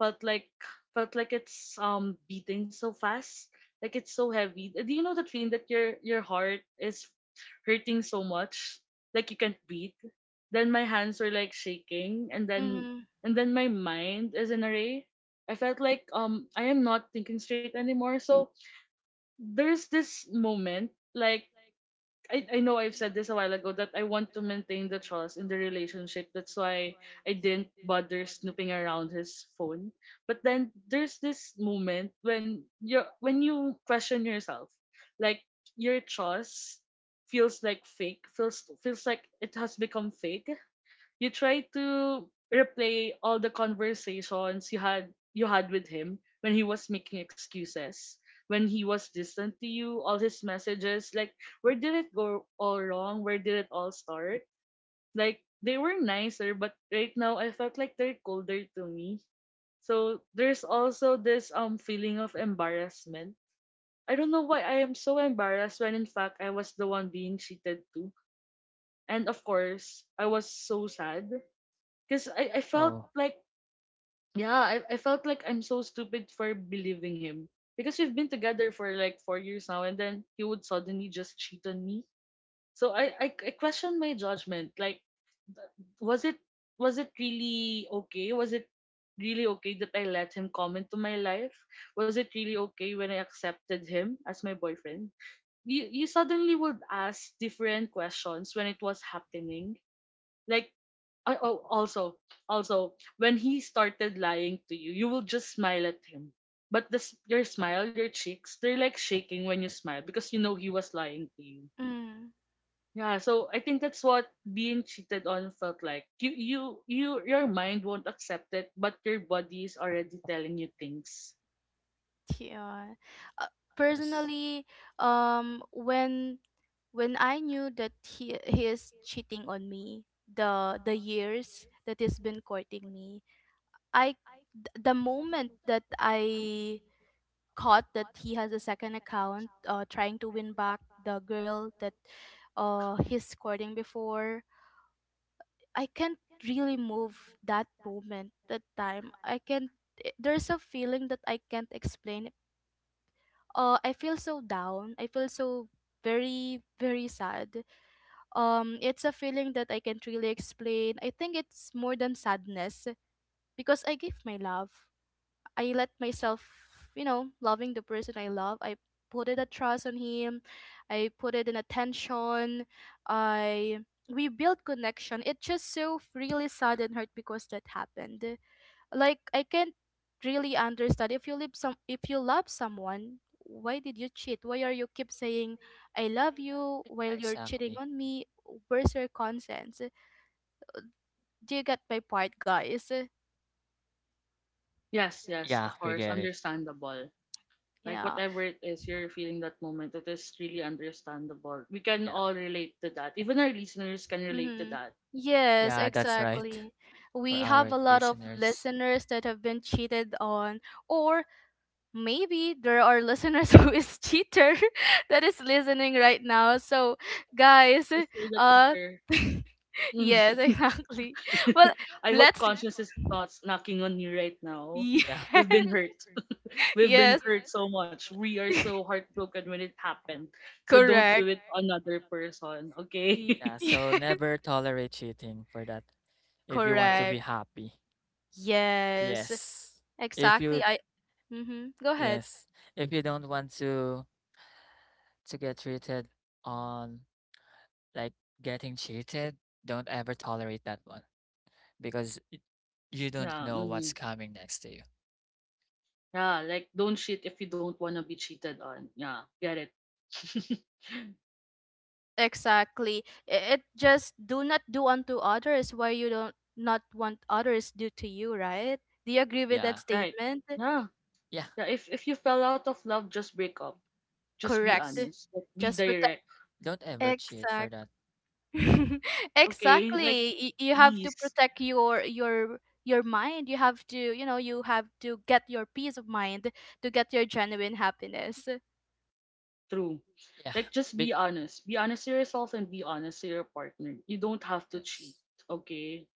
S2: felt like felt like it's beating so fast, like it's so heavy. Do you know that feeling that your heart is hurting so much, like you can't breathe? Then my hands were like shaking,
S1: Mm-hmm.
S2: and then my mind is in a ray. I felt like I am not thinking straight anymore. So there's this moment, like I know I've said this a while ago that I want to maintain the trust in the relationship. That's why I didn't bother snooping around his phone. But then there's this moment when you question yourself, like your trust feels like fake, feels like it has become fake. You try to replay all the conversations you had with him when he was making excuses, when he was distant to you, all his messages. Like, where did it go all wrong? Where did it all start? Like, they were nicer, but right now I felt like they're colder to me. So there's also this feeling of embarrassment. I don't know why I am so embarrassed when in fact I was the one being cheated to. And of course I was so sad because I
S3: all.
S2: felt
S3: Oh,
S2: like, yeah, I felt like I'm so stupid for believing him. Because we've been together for like 4 years now, and then he would suddenly just cheat on me. So I questioned my judgment. Like, th- was it, was it really okay? Was it really okay that I let him come into my life? Was it really okay when I accepted him as my boyfriend? You suddenly would ask different questions when it was happening. Like, I, oh, also, also, when he started lying to you, you will just smile at him. But this, your smile, your cheeks, they're like shaking when you smile because you know he was lying to you.
S1: Mm-hmm.
S2: Yeah, so I think that's what being cheated on felt like. Your mind won't accept it, but your body is already telling you things.
S1: Yeah. Uh,
S3: yes.
S1: personally, when I knew that he is cheating on me, the years that he's been courting me, I the moment that I caught that he has a second account, trying to win back the girl that he's courting before, I can't really move that moment, that time. I can't. There's a feeling that I can't explain. I feel so down. I feel so very very sad. It's a feeling that I can't really explain. I think it's more than sadness because I gave my love. I let myself, loving the person I love. I put it a trust on him. I put it in attention. I we built connection. It just so really saddened hurt because that happened. Like I can't really understand, if you love someone, why did you cheat? Why are you keep saying I love you while
S3: Yeah,
S1: you're cheating
S3: exactly.
S1: on me? Where's your consent? Do you get my point, guys?
S2: Yes, yes,
S3: Yeah,
S2: of
S3: we
S2: course,
S3: get it.
S2: understandable. Like,
S1: Yeah.
S2: whatever it is you're feeling that moment, it is really understandable. We can
S3: Yeah.
S2: all relate to that. Even our listeners can relate to
S1: Mm-hmm.
S2: that.
S1: Yes,
S3: Yeah, that's right.
S1: exactly.
S3: For
S1: We have
S3: our
S1: a lot of
S3: listeners.
S1: listeners that have been cheated on, or maybe there are listeners who is cheater that is listening right now. So, guys,
S2: I feel a
S1: uh,
S2: cheater.
S1: yes, exactly. Well,
S2: I hope
S1: let's
S2: conscience is not knocking on you right now.
S1: yes,
S3: Yeah.
S2: We've been hurt. We've been
S1: yes,
S2: hurt so much. We are so heartbroken when it happened. So don't do
S1: correct.
S2: it to another person, okay?
S1: Y-
S3: Yeah, so never tolerate cheating for that. If you want to be
S1: correct.
S3: happy.
S1: Yes,
S3: Yes. If you
S1: exactly. I. Mm-hmm. Go ahead.
S3: yes, if you don't want to get treated on like getting cheated, don't ever tolerate that one because you don't
S2: Yeah.
S3: know what's coming next to you.
S2: Yeah, like, don't cheat if you don't want to be cheated on. Yeah, get it.
S1: Exactly. It just do not do unto others why you don't not want others do to you, right? Do you agree with that
S3: Yeah.
S2: Right.
S1: statement?
S2: Yeah.
S3: Yeah.
S2: Yeah, if you fell out of love, just break up. Just be
S1: Correct.
S3: Yes.
S2: honest. Like, be
S1: Just protect.
S2: direct.
S3: Don't ever cheat for
S1: Exact.
S3: that.
S2: Okay? Like,
S1: Exactly. You have to
S2: please.
S1: protect your mind. You have to, you have to get your peace of mind to get your genuine happiness.
S2: True.
S3: Yeah.
S2: Like, just
S3: Big
S2: be honest. Be honest to yourself and be honest to your partner. You don't have to cheat.
S3: yes.
S2: Okay.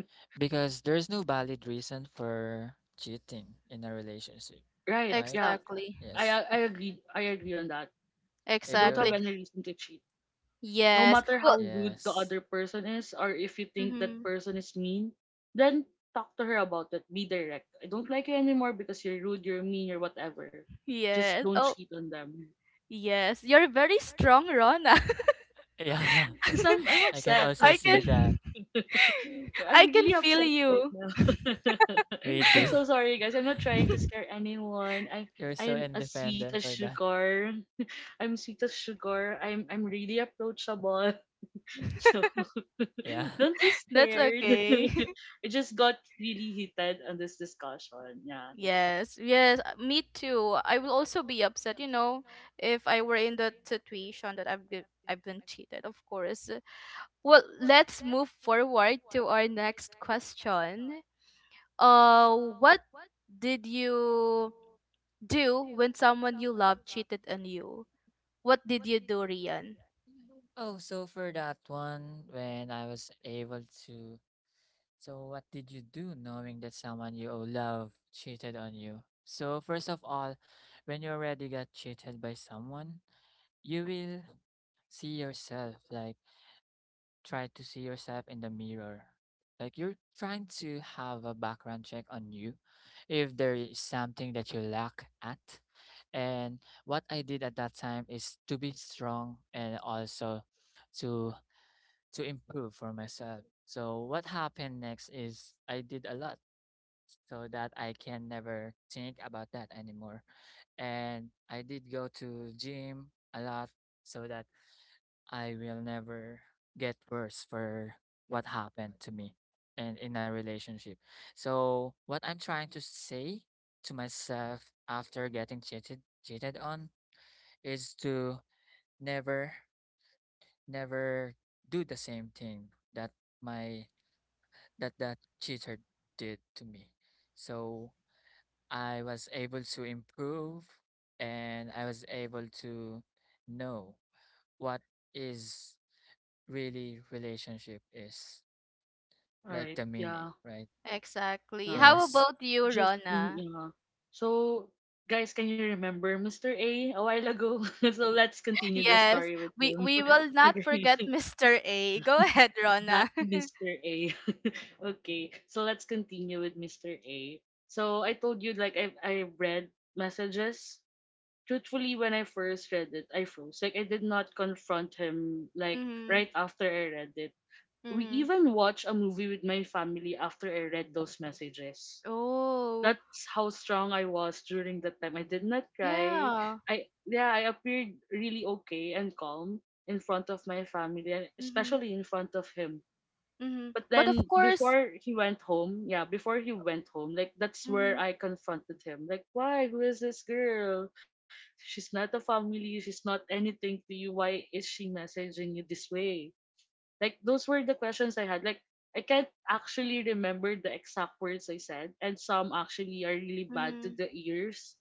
S3: Because there's no valid reason for cheating in a relationship,
S2: Right.
S3: right?
S2: Yeah.
S1: Exactly.
S2: I
S3: Yes.
S2: I agree. I agree on that. You
S3: If
S2: don't have
S3: you,
S1: Exactly.
S2: any reason to cheat. No
S3: y-
S1: Yes.
S2: matter how
S1: Well.
S2: rude the
S3: yes.
S2: other person is, or if you think that
S1: Mhm.
S2: person is mean, then talk to her about it. Be direct. I don't like you anymore because you're rude, you're mean, or whatever. Just
S1: Yes.
S2: don't
S1: Oh,
S2: cheat on them.
S1: yes. You're very strong, Rona.
S3: Yeah,
S2: Because I'm
S3: I can
S2: upset.
S3: also
S1: I
S3: see that.
S1: can
S2: I'm
S1: I can
S2: really
S1: feel
S2: upset right
S1: you.
S2: now.
S3: We
S2: I'm
S3: do.
S2: so sorry, guys. I'm not trying to scare anyone. I
S3: You're so
S2: I'm as sweet as
S3: independent for that.
S2: sugar. I'm sweet as sugar. I'm really approachable. So
S3: Yeah.
S2: don't be
S1: That's
S2: scared.
S1: okay.
S2: I just got really heated on this discussion. Yeah.
S1: Yes, yes, me too. I will also be upset, you know, if I were in that situation that I've been cheated, of course. Well, let's move forward to our next question. What did you do when someone you love cheated on you? What did you do, Rian?
S3: Oh, so for that one, when I was able to So, what did you do knowing that someone you love cheated on you? So, first of all, when you already got cheated by someone, you will see yourself, like, try to see yourself in the mirror. Like, you're trying to have a background check on you if there is something that you lack at. And what I did at that time is to be strong and also to to improve for myself. So what happened next is I did a lot so that I can never think about that anymore. And I did go to gym a lot so that I will never get worse for what happened to me and in a relationship. So what I'm trying to say to myself after getting cheated on is to never never do the same thing that my that that cheater did to me. So I was able to improve and I was able to know what is really relationship is like
S2: Alright.
S3: the meaning,
S2: Yeah.
S3: right?
S1: Exactly.
S2: Yeah.
S1: How
S3: Yes.
S1: about you,
S2: Just mm,
S1: Rona?
S2: yeah. So guys, can you remember Mr. A a while ago? So let's continue the
S1: Yes,
S2: story with
S1: we
S2: him.
S1: we will not forget
S2: Okay.
S1: Mr. A. Go ahead,
S2: That
S1: Rona.
S2: Mr. A. Okay, so let's continue with Mr. A. So I told you, like, I read messages. Truthfully, when I first read it, I froze. Like, I did not confront him like
S1: Mm-hmm.
S2: right after I read it. We
S1: Mm-hmm.
S2: even watched a movie with my family after I read those messages.
S1: Oh,
S2: That's how strong I was during that time. I did not cry.
S1: yeah.
S2: I, yeah, I appeared really okay and calm in front of my family and
S1: Mm-hmm.
S2: especially in front of him.
S1: Mm-hmm.
S2: But
S1: But of
S2: then
S1: course,
S2: before he went home, yeah, before he went home, like, that's
S1: mm-hmm.
S2: where I confronted him. Like, why? Who is this girl? She's not a family. She's not anything to you. Why is she messaging you this way? Like, those were the questions I had. Like, I can't actually remember the exact words I said, and some actually are really bad to
S1: Mm-hmm.
S2: the ears.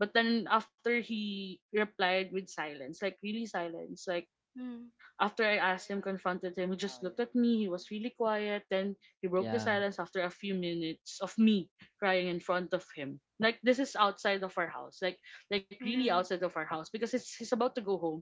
S2: But then after he replied with silence, like, really silence, like,
S1: Mm-hmm.
S2: after I asked him, confronted him, he
S3: Oh
S2: just looked
S3: yeah.
S2: at me. He was really quiet. Then he broke the
S3: Yeah.
S2: silence after a few minutes of me crying in front of him. Like, this is outside of our house. Like really
S1: Mm-hmm.
S2: outside of our house because it's he's about to go home.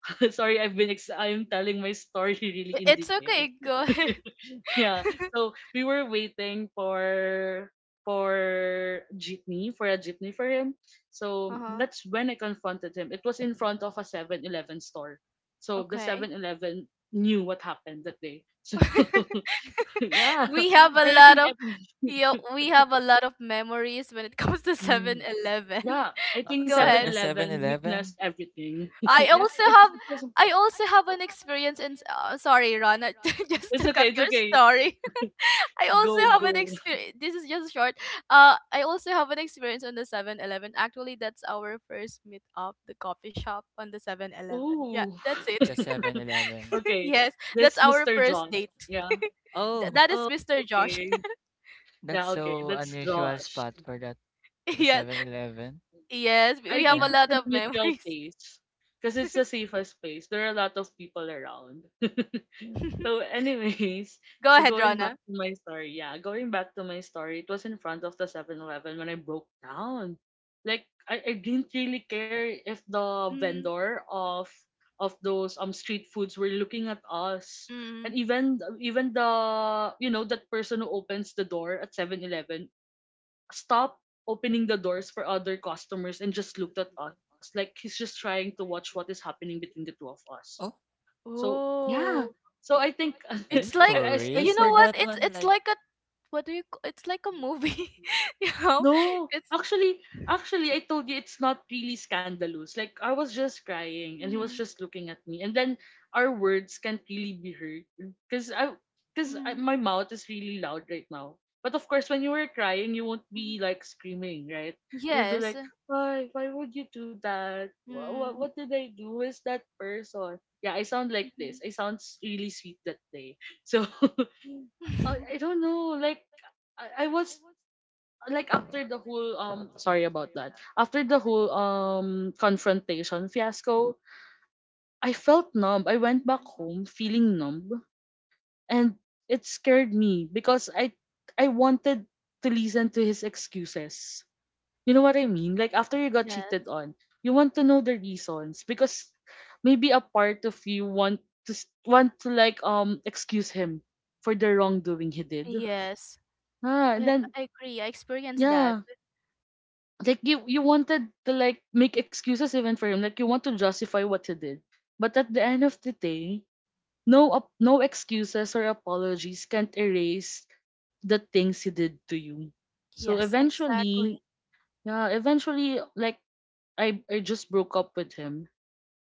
S2: Sorry, I've been I'm telling my story really in
S1: It's
S2: detail.
S1: okay. Go ahead.
S2: Yeah. So we were waiting for jeepney for a jeepney for him. So
S1: Uh-huh.
S2: that's when I confronted him. It was in front of a 7-Eleven store. So the
S1: Okay.
S2: 7-Eleven knew what happened that day. So yeah.
S1: we have a
S2: And I
S1: lot
S2: think
S1: of
S2: every
S1: yeah, we have a lot of memories when it comes to Seven
S2: Mm.
S1: Eleven.
S2: Yeah, I
S3: Oh,
S2: think
S1: Go
S2: Seven
S1: ahead.
S3: the Seven
S2: Eleven witnessed
S3: Eleven,
S2: everything.
S1: I
S2: Yeah,
S1: also have
S2: it's
S1: I also have an experience in, sorry, Ron, just
S2: it's
S1: to cut
S2: okay, it's
S1: your
S2: okay.
S1: story. I also
S2: Go,
S1: have an
S2: go.
S1: experience. This is just short. I also have an experience on the 7-Eleven. Actually, that's our first meet up, the coffee shop on the 7-Eleven. Yeah,
S2: Ooh.
S1: that's it.
S3: the 7-Eleven.
S2: Okay.
S1: Yes, that's
S2: This
S1: our
S2: Mr.
S1: first
S2: Josh.
S1: date.
S2: Yeah.
S1: Th-
S3: Oh,
S1: that is
S2: Oh,
S1: Mr. Josh.
S2: okay.
S3: that's
S2: Yeah, okay.
S3: so
S2: Draw.
S3: unusual spot for that the
S1: Yes,
S3: 7-Eleven.
S1: yes, we
S2: I
S1: we have
S2: think
S1: a
S3: Yeah.
S2: it's
S1: lot
S2: a
S1: of
S2: neutral
S1: memories.
S2: place because it's a safest space. There are a lot of people around. So, anyways,
S1: Go
S2: so
S1: ahead,
S2: going back
S1: Rana.
S2: to my story, yeah, going back to my story, it was in front of the 7-Eleven when I broke down. Like, I didn't really care if the vendor of those street foods were looking at us.
S1: Mm-hmm.
S2: And even the, you know, that person who opens the door at 7-Eleven stopped opening the doors for other customers and just looked at us like he's just trying to watch what is happening between the two of us.
S3: Oh,
S2: So yeah,
S1: Oh.
S2: so I think
S3: are you
S1: It's like,
S3: for
S2: I
S3: real
S1: you know
S3: for
S1: what?
S3: that
S1: It's
S3: one?
S1: it's
S3: Like,
S1: like a what do you? C- It's like a movie, you know.
S2: No,
S1: It's
S2: actually, actually, I told you it's not really scandalous. Like, I was just crying, and he was
S1: mm-hmm,
S2: just looking at me, and then our words can't really be heard because I, because
S1: mm-hmm,
S2: my mouth is really loud right now. But of course, when you were crying, you won't
S1: hmm,
S2: be like screaming, right? You'll be
S1: yes,
S2: like, why would you do that? What
S1: mm-hmm.
S2: did I do? Who is that person? Yeah, I sound like this. I sound really sweet that day. So, I, I don't know. Like, I was like after the whole sorry about that, after the whole confrontation fiasco, I felt numb. I went back home feeling numb, and it scared me because I wanted to listen to his excuses. You know what I mean? Like, after you got
S1: Yes,
S2: cheated on, you want to know the reasons, because maybe a part of you want to excuse him for the wrongdoing he did.
S1: yes.
S2: Ah, and
S1: I
S2: then
S1: I agree. I experienced that.
S2: yeah, like, you wanted to like make excuses even for him, like you want to justify what he did, but at the end of the day, no excuses or apologies can't erase the things he did to you. So
S1: Yes, exactly.
S2: eventually, yeah, eventually, like, I just broke up with him,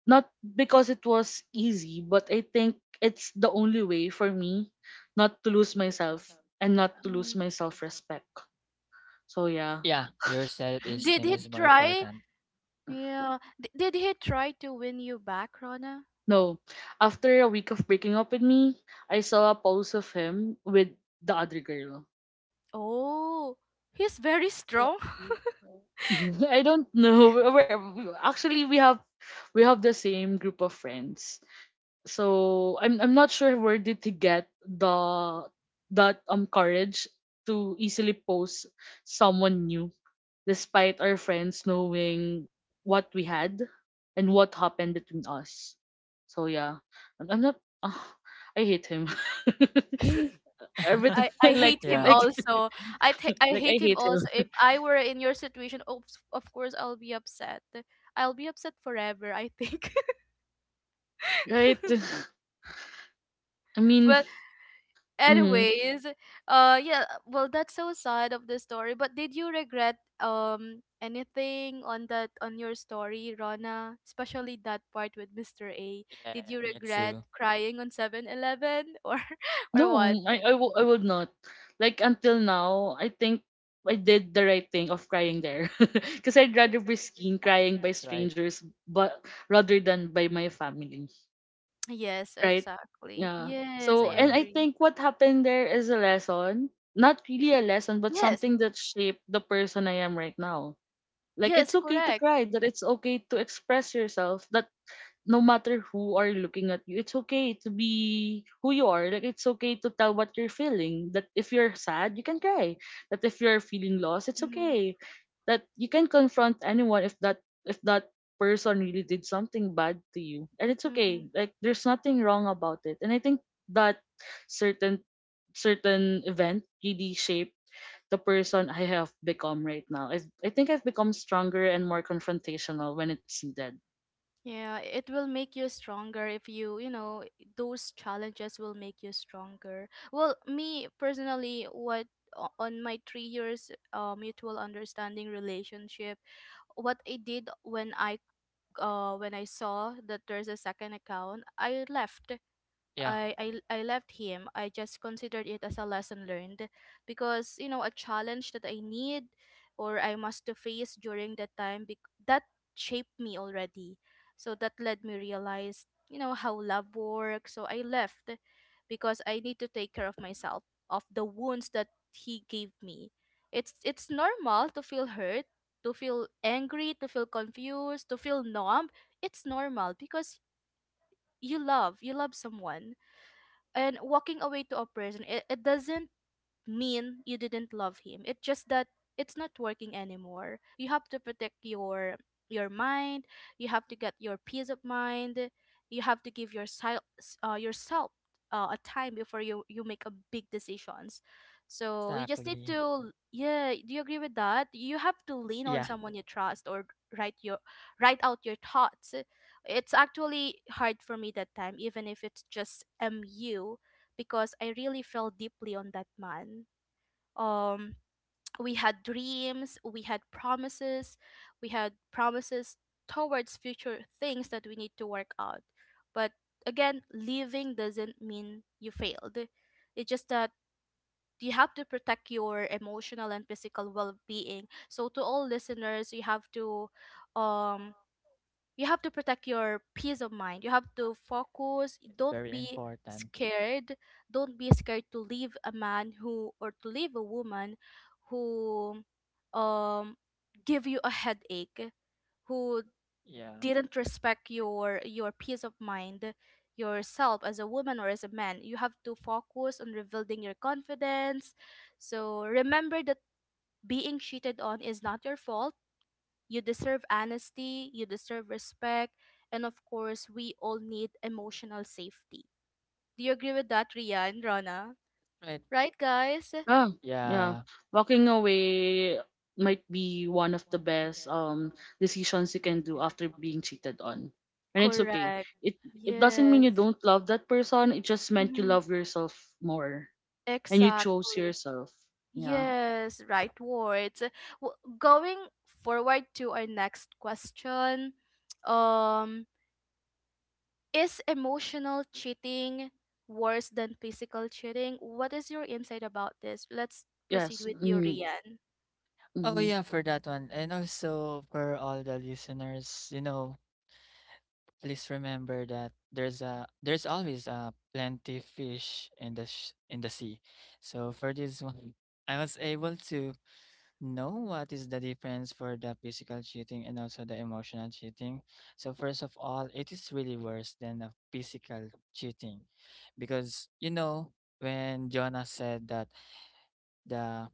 S2: not because it was easy, but I think it's the only way for me not to lose myself and not to lose
S1: Mhm.
S2: my self respect. So yeah.
S3: yeah, your
S1: Did
S3: self-esteem
S1: he
S3: is more
S1: try?
S3: important.
S1: Yeah. Did he try to win you back, Rona?
S2: No. After a week of breaking up with me, I saw a post of him with the other girl.
S1: Oh, he's very
S2: So,
S1: strong.
S2: I don't know. Actually, we have the same group of friends. So I'm not sure where did he get the that courage to easily post someone new despite our friends knowing what we had and what happened between us. So yeah, I'm not. Ah, I hate him. Every time,
S1: I, I
S2: like
S1: hate him
S3: yeah,
S2: like
S1: also. I
S2: like I
S1: hate him
S2: hate him.
S1: also. If I were in your situation, of course I'll be upset. I'll be upset forever, I think.
S2: Right? I mean,
S1: But
S2: mm,
S1: anyways, yeah, well, that's so sad of the story, but did you regret anything on that on your story, Rona, especially that part with Mr. A? Did you
S3: yeah, me
S1: regret
S3: too.
S1: crying on 7-Eleven or or
S2: no,
S1: what?
S2: I would not. Like until now, I think I did the right thing of crying there, because I'd rather be seen
S3: Yeah,
S2: crying by
S3: that's right.
S2: strangers, but rather than by my family.
S1: Yes,
S2: Right?
S1: exactly.
S2: Yeah.
S1: Yes, I
S2: So, and
S3: Yeah,
S2: I
S1: agree.
S2: think what happened there is a lesson. Not really a lesson, but
S1: Yes.
S2: something that shaped the person I am right now. Like, it's
S1: Yes,
S2: okay to
S1: correct.
S2: cry, that it's okay to express yourself, that no matter who are looking at you, it's okay to be who you are. Like it's okay to tell what you're feeling. That if you're sad, you can cry. That if you're feeling lost, it's
S1: Mm-hmm.
S2: okay. That you can confront anyone if that person really did something bad to you. And it's
S1: Mm-hmm.
S2: okay. Like there's nothing wrong about it. And I think that certain certain event really shaped the person I have become right now. I think I've become stronger and more confrontational when it's needed.
S1: Yeah, it will make you stronger if you, you know, those challenges will make you stronger. Well, me personally, what on my 3 years, mutual understanding relationship, what I did when I saw that there's a second account, I left.
S3: yeah,
S1: I left him. I just considered it as a lesson learned because you know a challenge that I need, or I must to face during that time, that shaped me already. So that led me realize, you know, how love works. So I left because I need to take care of myself, of the wounds that he gave me. It's normal to feel hurt, to feel angry, to feel confused, to feel numb. It's normal because you love someone, and walking away to a person, it doesn't mean you didn't love him. It's just that it's not working anymore. You have to protect your mind. You have to get your peace of mind. You have to give yourself, yourself, a time before you make a big decisions. So you just need
S3: exactly.
S1: to, yeah, do you agree with that? You have to lean on
S3: Yeah,
S1: someone you trust, or write your write out your thoughts. It's actually hard for me that time even if it's just mu, because I really felt deeply on that man. Um, we had dreams, we had promises, we had promises towards future things that we need to work out. But again, leaving doesn't mean you failed. It's just that you have to protect your emotional and physical well-being. So, to all listeners, um you have to protect your peace of mind. You have to focus.
S3: it's very important.
S1: Scared don't be scared to leave a man who, or to leave a woman who um give you a headache, who
S3: Yeah,
S1: didn't respect your peace of mind, yourself as a woman or as a man. You have to focus on rebuilding your confidence. So remember that being cheated on is not your fault. You deserve honesty, you deserve respect, and of course, we all need emotional safety. Do you agree with that, Ria and Rana?
S3: right.
S1: Right, guys?
S2: Yeah, yeah.
S3: Yeah.
S2: Walking away might be one of the best decisions you can do after being cheated on. And it's okay.
S1: Correct.
S2: It it doesn't
S1: Yes.
S2: mean you don't love that person. It just meant you
S1: Mm-hmm.
S2: love yourself more and you chose
S1: Exactly.
S2: yourself. Yeah.
S1: Yes, right words. Going forward to our next question, um, is emotional cheating worse than physical cheating? What is your insight about this? Let's proceed
S2: Yes.
S1: with you,
S2: Mm,
S1: Rian.
S3: Oh,
S2: mm-hmm.
S3: yeah, for that one. And also for all the listeners, you know, please remember that there's a there's always a plenty fish in the in the sea. So for this one, I was able to know what is the difference for the physical cheating and also the emotional cheating. So first of all, it is really worse than the physical cheating because you know when Jonah said that the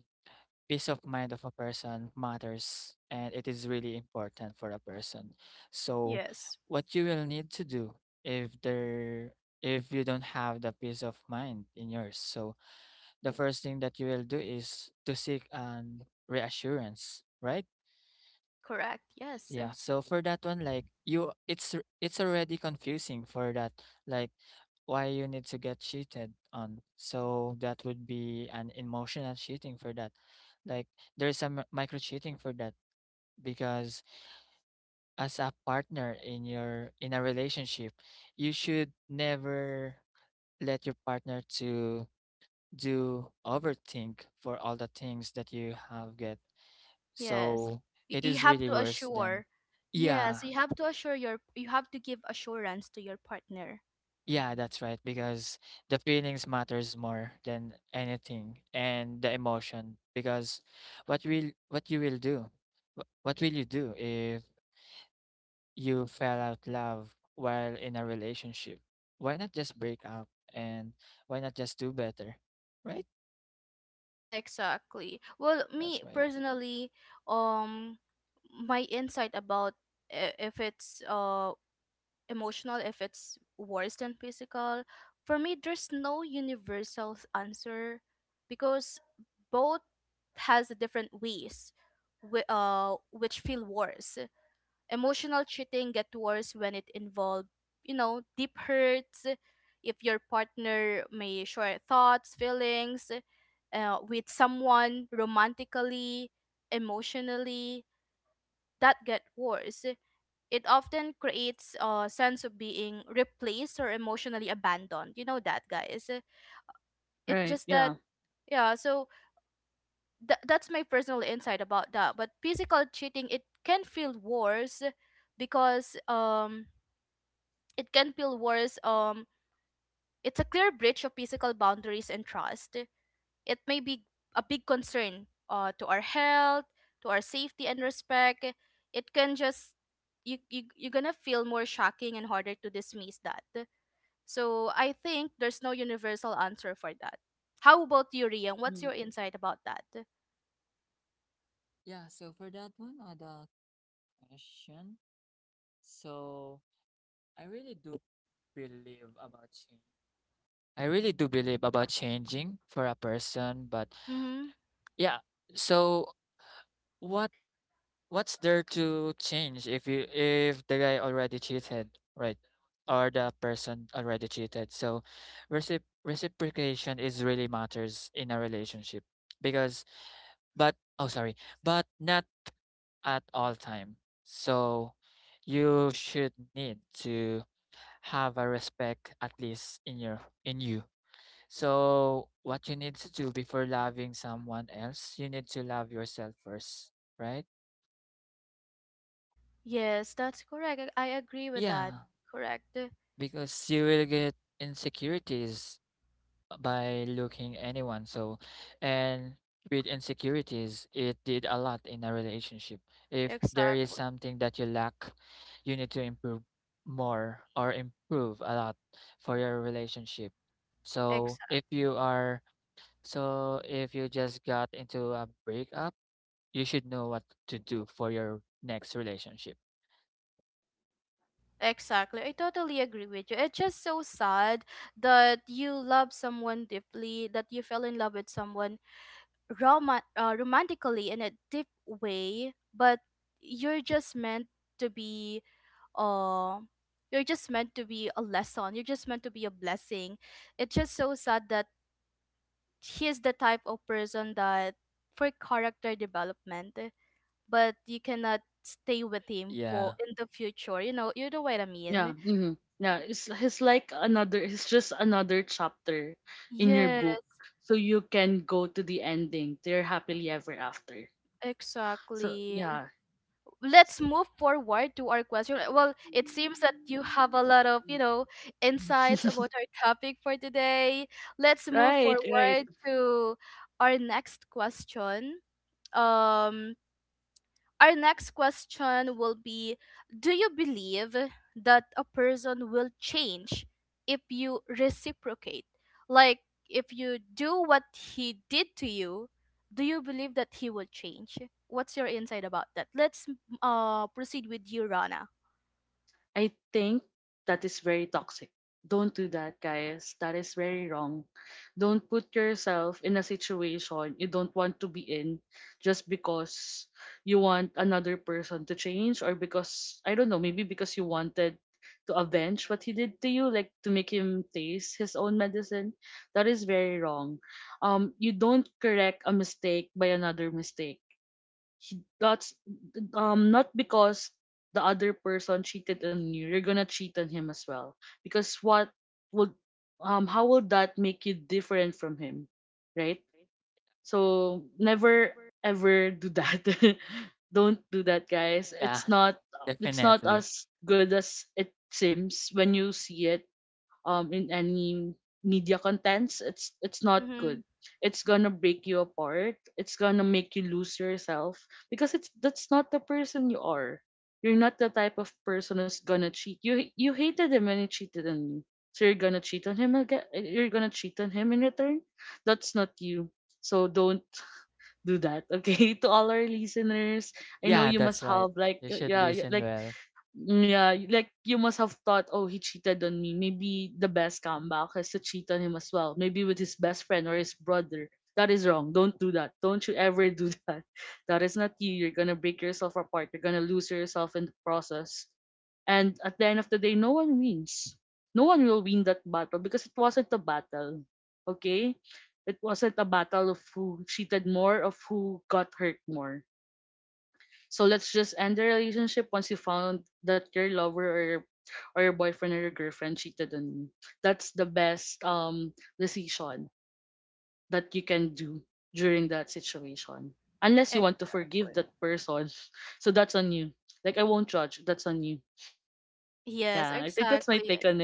S3: peace of mind of a person matters and it is really important for a person so
S1: Yes.
S3: what you will need to do if there if you don't have the peace of mind in yours so the first thing that you will do is to seek an reassurance right
S1: Correct. Yes.
S3: yeah, so for that one, like you, it's already confusing for that, like why you need to get cheated on. So that would be an emotional cheating for that. Like there's some micro cheating for that because as a partner in a relationship, you should never let your partner to do overthink for all the things that you have get.
S1: Yes.
S3: So it
S1: You
S3: is
S1: have
S3: really
S1: to
S3: worse than
S1: assure.
S3: yeah.
S1: Yes, you have to assure you have to give assurance to your partner.
S3: Yeah, that's right. Because the feelings matters more than anything, and the emotion. Because what you will do? What will you do if you fell out love while in a relationship? Why not just break up and why not just do better? Right?
S1: Exactly. Well, me
S3: That's right.
S1: personally, um my insight about if it's emotional, if it's worse than physical, for me there's no universal answer because both has different ways which feel worse. Emotional cheating get worse when it involve, you know, deep hurts. If your partner may share thoughts, feelings with someone romantically, emotionally, that get worse. It often creates a sense of being replaced or emotionally abandoned. You know that, guys. It
S2: Right.
S1: just that,
S2: Yeah.
S1: yeah, so that's my personal insight about that. But physical cheating, it can feel worse because it can feel worse. It's a clear breach of physical boundaries and trust. It may be a big concern to our health, to our safety and respect. It can just you're gonna feel more shocking and harder to dismiss that. So I think there's no universal answer for that. How about you, Rian? What's your
S2: Mm.
S1: insight about that?
S3: Yeah, so for that one, the question. So I really do believe about change. I really do believe about changing for a person, but
S1: Mm-hmm.
S3: yeah. So what what's there to change if you if the guy already cheated, right? Or the person already cheated. So reciprocation is really matters in a relationship because but oh, sorry, but not at all time. So you should need to have a respect at least in you. So, what you need to do before loving someone else, you need to love yourself first, right?
S1: Yes, that's correct. I agree with that.
S3: Yeah,
S1: Correct.
S3: because you will get insecurities by looking anyone. So, and with insecurities, it did a lot in a relationship. If there is
S1: Exactly.
S3: something that you lack, you need to improve more or improve a lot for your relationship. So, if you just got into a breakup you should know what to do for your next relationship.
S1: Exactly, I totally agree with you. It's just so sad that you love someone deeply, that you fell in love with someone rom- romantically in a deep way, but you're just meant to be uh you're just meant to be a lesson. You're just meant to be a blessing. It's just so sad that he's the type of person that for character development, but you cannot stay with him for
S3: Yeah.
S1: in the future. You know what I
S2: Yeah.
S1: mean.
S2: Yeah. It's like another. It's just another chapter in your
S1: Yes,
S2: book, so you can go to the ending. They're happily ever after. So
S1: exactly.
S2: yeah,
S1: Let's
S2: so,
S1: move forward to our question. Well, it seems that you have a lot of, you know, insights about our topic for today. Let's move
S2: right, right.
S1: forward to our next question. Um, Our next question will be, do you believe that a person will change if you reciprocate? Like, if you do what he did to you, do you believe that he will change? What's your insight about that? Let's proceed with you, Rana.
S2: I think that is very toxic. Don't do that, guys. That is very wrong. Don't put yourself in a situation you don't want to be in just because you want another person to change or because, I don't know, maybe because you wanted to avenge what he did to you, like to make him taste his own medicine. That is very wrong. You don't correct a mistake by another mistake. That's not because the other person cheated on you you're gonna cheat on him as well, because what would, how would that make you different from him? Right? So never ever do that. Don't do that, guys.
S3: Yeah,
S2: it's not it's not
S3: definitely.
S2: as good as it seems when you see it in any media contents. It's not
S1: Mm-hmm.
S2: good. It's gonna break you apart, it's gonna make you lose yourself, because it's that's not the person you are. You're not the type of person who's gonna cheat. You hated him when he cheated on you, so you're gonna cheat on him again? You're gonna cheat on him in return? That's not you. So don't do that, okay? To all our listeners, I
S3: Yeah, that's
S2: just
S3: right.
S2: have like,
S3: You should
S2: yeah, yeah.
S3: listen well.
S2: Mm, yeah, like you must have thought, oh, he cheated on me. Maybe the best comeback is to cheat on him as well. Maybe with his best friend or his brother. That is wrong. Don't do that. Don't you ever do that. That is not you. You're gonna break yourself apart. You're gonna lose yourself in the process. And at the end of the day, no one wins. No one will win that battle because it wasn't a battle. Okay? It wasn't a battle of who cheated more, of who got hurt more. So let's just end the relationship once you found that your lover or your boyfriend or your girlfriend cheated on you. That's the best decision that you can do during that situation. Unless you want to forgive
S1: Exactly.
S2: that person. So that's on you. Like I won't judge. That's on you. Yeah,
S1: Yes,
S2: I think that's my take
S1: exactly.
S2: on it.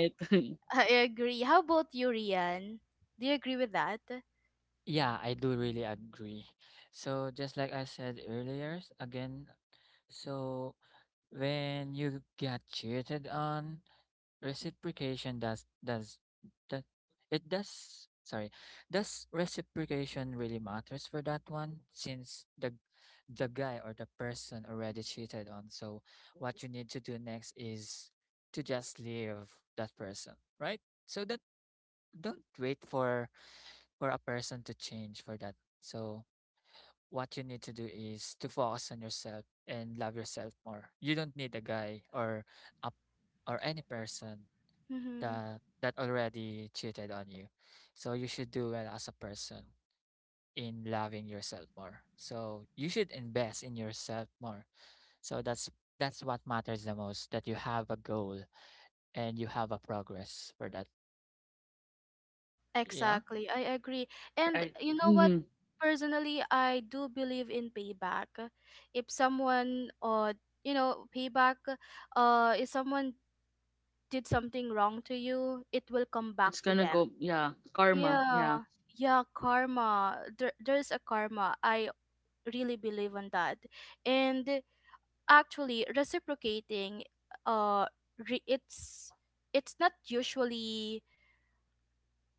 S1: I agree. How about you, Rian? Do you agree with that?
S3: Yeah, I do really agree. So just like I said earlier, again, so when you get cheated on, reciprocation does that it does sorry. Does reciprocation really matters for that one since the guy or the person already cheated on. So what you need to do next is to just leave that person, right? So that don't wait for a person to change for that. So what you need to do is to focus on yourself and love yourself more. You don't need a guy or a, any person
S1: Mm-hmm.
S3: that already cheated on you. So you should do well as a person in loving yourself more. So you should invest in yourself more. So that's what matters the most, that you have a goal and you have a progress for that. Yeah.
S1: Exactly, I agree. And
S2: Right.
S1: you know what?
S2: Hmm.
S1: Personally, I do believe in payback. If someone, or you know, payback, if someone did something wrong to you, it will come back
S2: It's
S1: to
S2: gonna
S1: them.
S2: go, yeah. Karma. Yeah.
S1: Yeah, yeah, karma. There's a karma. I really believe on that. And actually, reciprocating, uh, it's not usually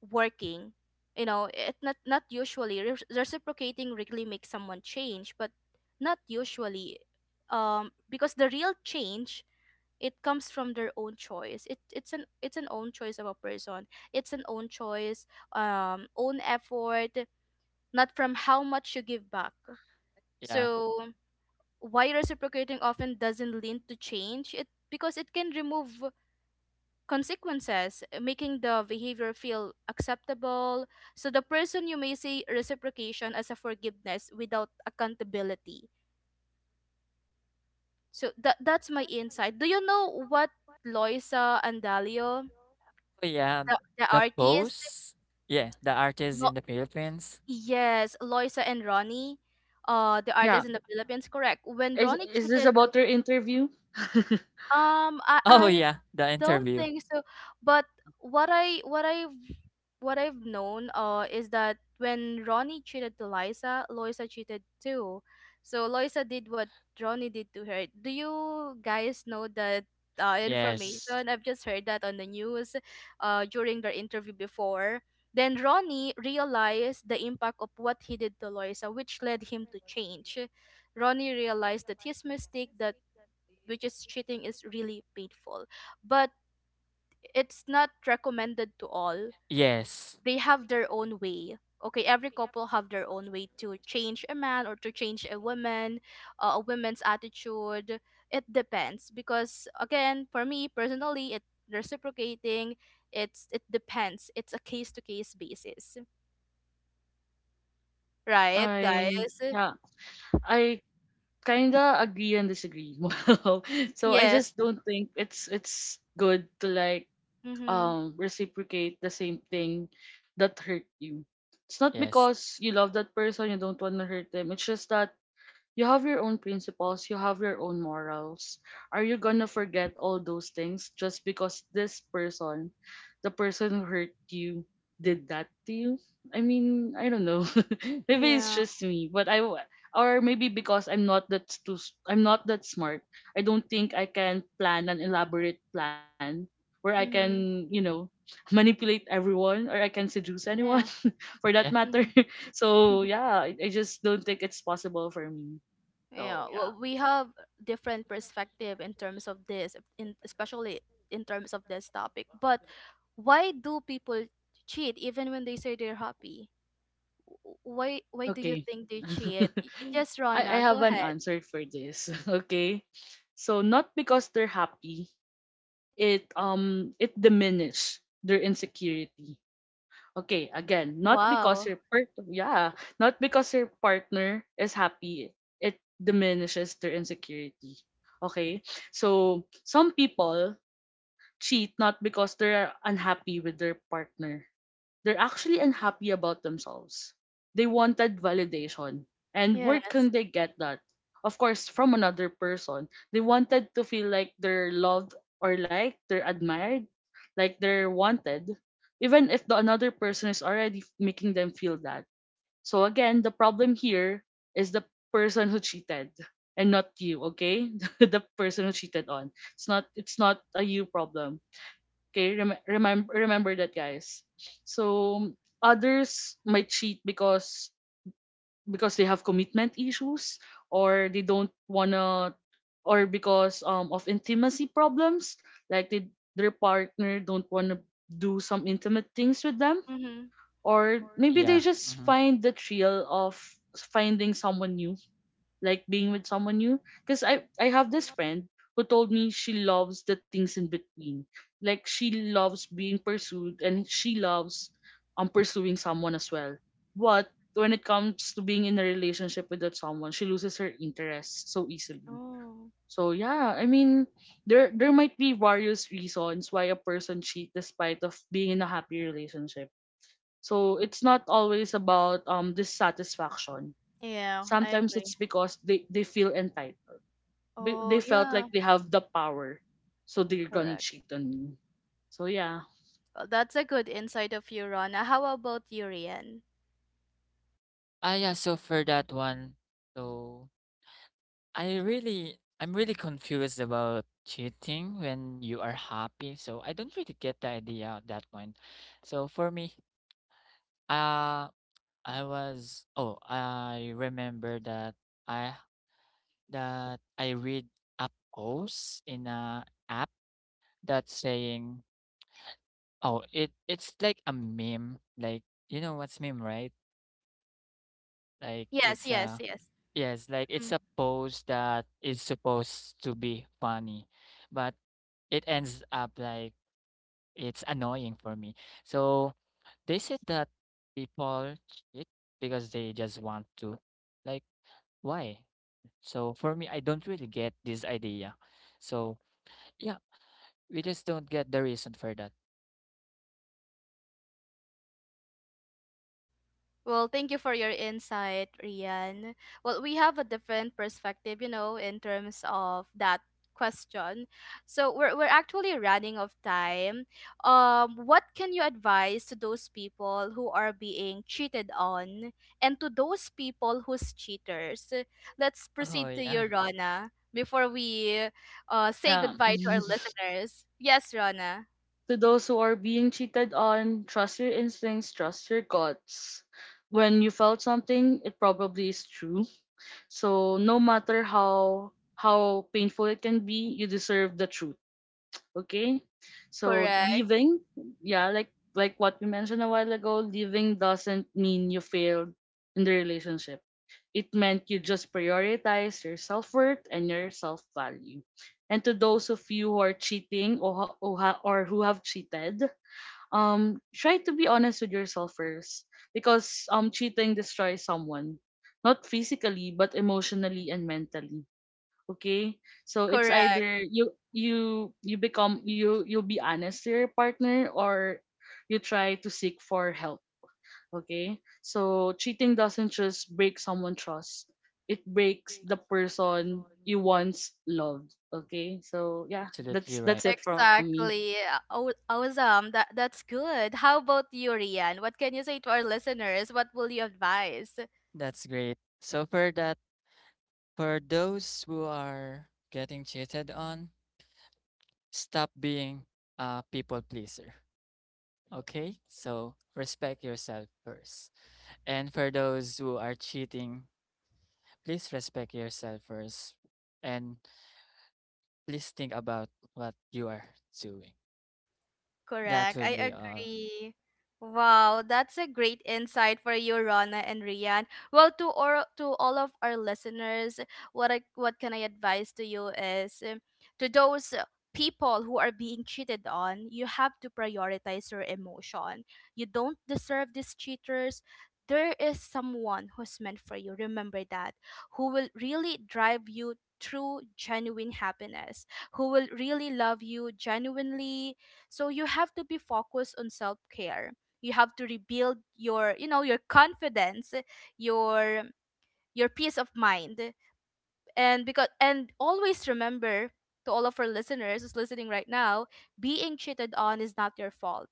S1: working, you know, it not usually reciprocating really makes someone change, but not usually. Because the real change, it comes from their own choice. It's an own choice of a person. It's an own choice, own effort, not from how much you give back.
S3: Yeah.
S1: So why reciprocating often doesn't lead to change? It because it can remove consequences, making the behavior feel acceptable. So the person you may see reciprocation as a forgiveness without accountability. So that's my insight. Do you know what Loisa and Dalio,
S3: Oh yeah,
S1: the
S3: the
S1: artist?
S3: post. Yeah, the artist
S1: Lo-
S3: in the Philippines.
S1: yes, Loisa and Ronnie, the
S2: Yeah.
S1: artist in the Philippines. Correct. When
S2: Is
S1: Ronnie
S2: this
S1: cheated, to,
S2: about your interview?
S1: um, I
S3: Oh
S1: I
S3: yeah, the
S1: don't
S3: interview.
S1: think so. But what I what I've what I've known is that when Ronnie cheated to Liza, Loisa cheated too. So Loisa did what Ronnie did to her. Do you guys know that
S3: Yes.
S1: information? I've just heard that on the news during their interview before. Then Ronnie realized the impact of what he did to Loisa, which led him to change. Ronnie realized that his mistake, that which is cheating, is really painful. But it's not recommended to all.
S3: Yes.
S1: They have their own way. Okay, every couple have their own way to change a man or to change a woman, a woman's attitude. It depends because again, for me personally, it reciprocating. It's it depends. It's a case to case basis, right,
S2: I
S1: guys?
S2: Yeah. I kinda agree and disagree. Wow. So I just
S1: Yes.
S2: don't think it's good to like,
S1: Mhm.
S2: reciprocate the same thing that hurt you. It's not
S3: Yes.
S2: because you love that person you don't want to hurt them. It's just that you have your own principles, you have your own morals. Are you gonna forget all those things just because this person, the person who hurt you, did that to you? I mean, I don't know. Maybe it's
S1: Yeah.
S2: just me, but or maybe because I'm not that smart. I don't think I can plan an elaborate plan where I can,
S1: Mhm.
S2: you know, manipulate everyone or I can seduce anyone
S1: Yeah.
S2: for that
S3: Yeah.
S2: matter.
S1: Mhm.
S2: So yeah, I just don't think it's possible for me.
S1: Yeah,
S2: So
S1: well,
S2: yeah.
S1: we have different perspective in terms of this, in especially in terms of this topic. But why do people cheat even when they say they're happy? Why do you
S2: Okay.
S1: think they cheat? Yes, Rana,
S2: I
S1: go
S2: have an
S1: ahead.
S2: answer for this. Okay. So not because they're happy, it diminish their insecurity. Okay, again, not because
S1: Wow.
S2: your partner is happy, it diminishes their insecurity. Okay? So some people cheat not because they're unhappy with their partner, they're actually unhappy about themselves. They wanted validation. And where
S1: Yes.
S2: can they get that? Of course, from another person. They wanted to feel like they're loved or liked, they're admired, like they're wanted, even if the another person is already making them feel that. So again, the problem here is the person who cheated and not you, okay? The person who cheated on. It's not a you problem. Okay, remember that, guys. So others might cheat because they have commitment issues, or they don't wanna, or because of intimacy problems, like their partner don't wanna do some intimate things with them,
S1: Mm-hmm.
S2: or maybe they
S3: Yeah.
S2: just
S3: Mm-hmm.
S2: find the thrill of finding someone new, like being with someone new. Because I have this friend who told me she loves the things in between, like she loves being pursued and she loves pursuing someone as well, but when it comes to being in a relationship with that someone, she loses her interest so easily.
S1: Oh.
S2: So yeah, I mean, there might be various reasons why a person cheat despite of being in a happy relationship. So it's not always about dissatisfaction.
S1: Yeah, I
S2: Sometimes
S1: agree.
S2: it's because they feel entitled.
S1: Oh,
S2: They felt
S1: yeah,
S2: like they have the power, so they're gonna
S1: correct.
S2: cheat on you. So yeah.
S1: Well, that's a good insight of you, Rana. How about you, Rian?
S3: Ah, yeah. So for that one, so I really, I'm really confused about cheating when you are happy. So I don't really get the idea at that point. So for me, uh, I was, oh, I remember I that I read a post in a app that's saying, oh, it it's like a meme, like you know what's meme, right? Like
S1: Yes,
S3: it's
S1: yes,
S3: a
S1: yes.
S3: yes, like it's a pose that is supposed to be funny, but it ends up like it's annoying for me. So they said that people cheat because they just want to. Like, why? So for me, I don't really get this idea. So yeah, we just don't get the reason for that.
S1: Well, thank you for your insight, Rian. Well, we have a different perspective, you know, in terms of that question. So we're actually running of time. What can you advise to those people who are being cheated on and to those people who's cheaters? Let's
S3: Oh
S1: proceed to you,
S3: yeah,
S1: Rona, before we say
S2: Yeah.
S1: goodbye to our listeners. Yes, Rona.
S2: To those who are being cheated on, trust your instincts, trust your guts. When you felt something, it probably is true. So no matter how painful it can be, you deserve the truth. Okay? So
S1: Correct.
S2: leaving, yeah, like what we mentioned a while ago, leaving doesn't mean you failed in the relationship. It meant you just prioritize your self-worth and your self-value. And to those of you who are cheating, or, ho- or ha- or who have cheated, try to be honest with yourself first, because cheating destroys someone, not physically but emotionally and mentally. Okay? So it's
S1: Correct.
S2: either you'll be honest to your partner, or you try to seek for help. Okay? So cheating doesn't just break someone's trust. It breaks the person you once loved. Okay? So yeah,
S3: absolutely right.
S2: that's it from me.
S1: Exactly. Awesome. That's good. How about you, Rian? What can you say to our listeners? What will you advise?
S3: That's great. So for that, for those who are getting cheated on, stop being a people pleaser. Okay? So respect yourself first. And for those who are cheating, please respect yourself first and please think about what you are doing. That
S1: Correct.
S3: would
S1: I
S3: be all.
S1: agree. Wow, that's a great insight for you, Rona and Rian. Well, to or to all of our listeners, what can I advise to you is, to those people who are being cheated on, you have to prioritize your emotion. You don't deserve these cheaters. There is someone who's meant for you. Remember that, who will really drive you through genuine happiness, who will really love you genuinely, so you have to be focused on self-care. You have to rebuild your, you know, your confidence, your your peace of mind, and because and always remember, to all of our listeners who's listening right now, being cheated on is not your fault.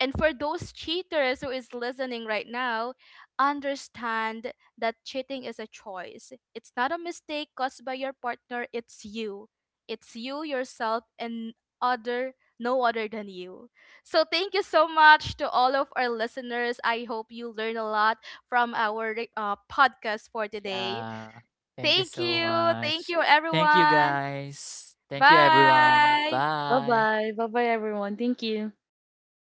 S1: And for those cheaters who is listening right now, understand that cheating is a choice. It's not a mistake caused by your partner. It's you. It's you yourself and other, no other than you. So thank you so much to all of our listeners. I hope you learn a lot from our podcast for today.
S3: Yeah. Thank you
S1: Thank
S3: so
S1: you. Thank
S3: much.
S1: you,
S3: Thank you,
S1: everyone.
S3: guys. Thank you, everyone.
S1: Bye.
S3: Bye.
S2: Bye-bye. Bye-bye everyone. Thank you.
S3: Thank you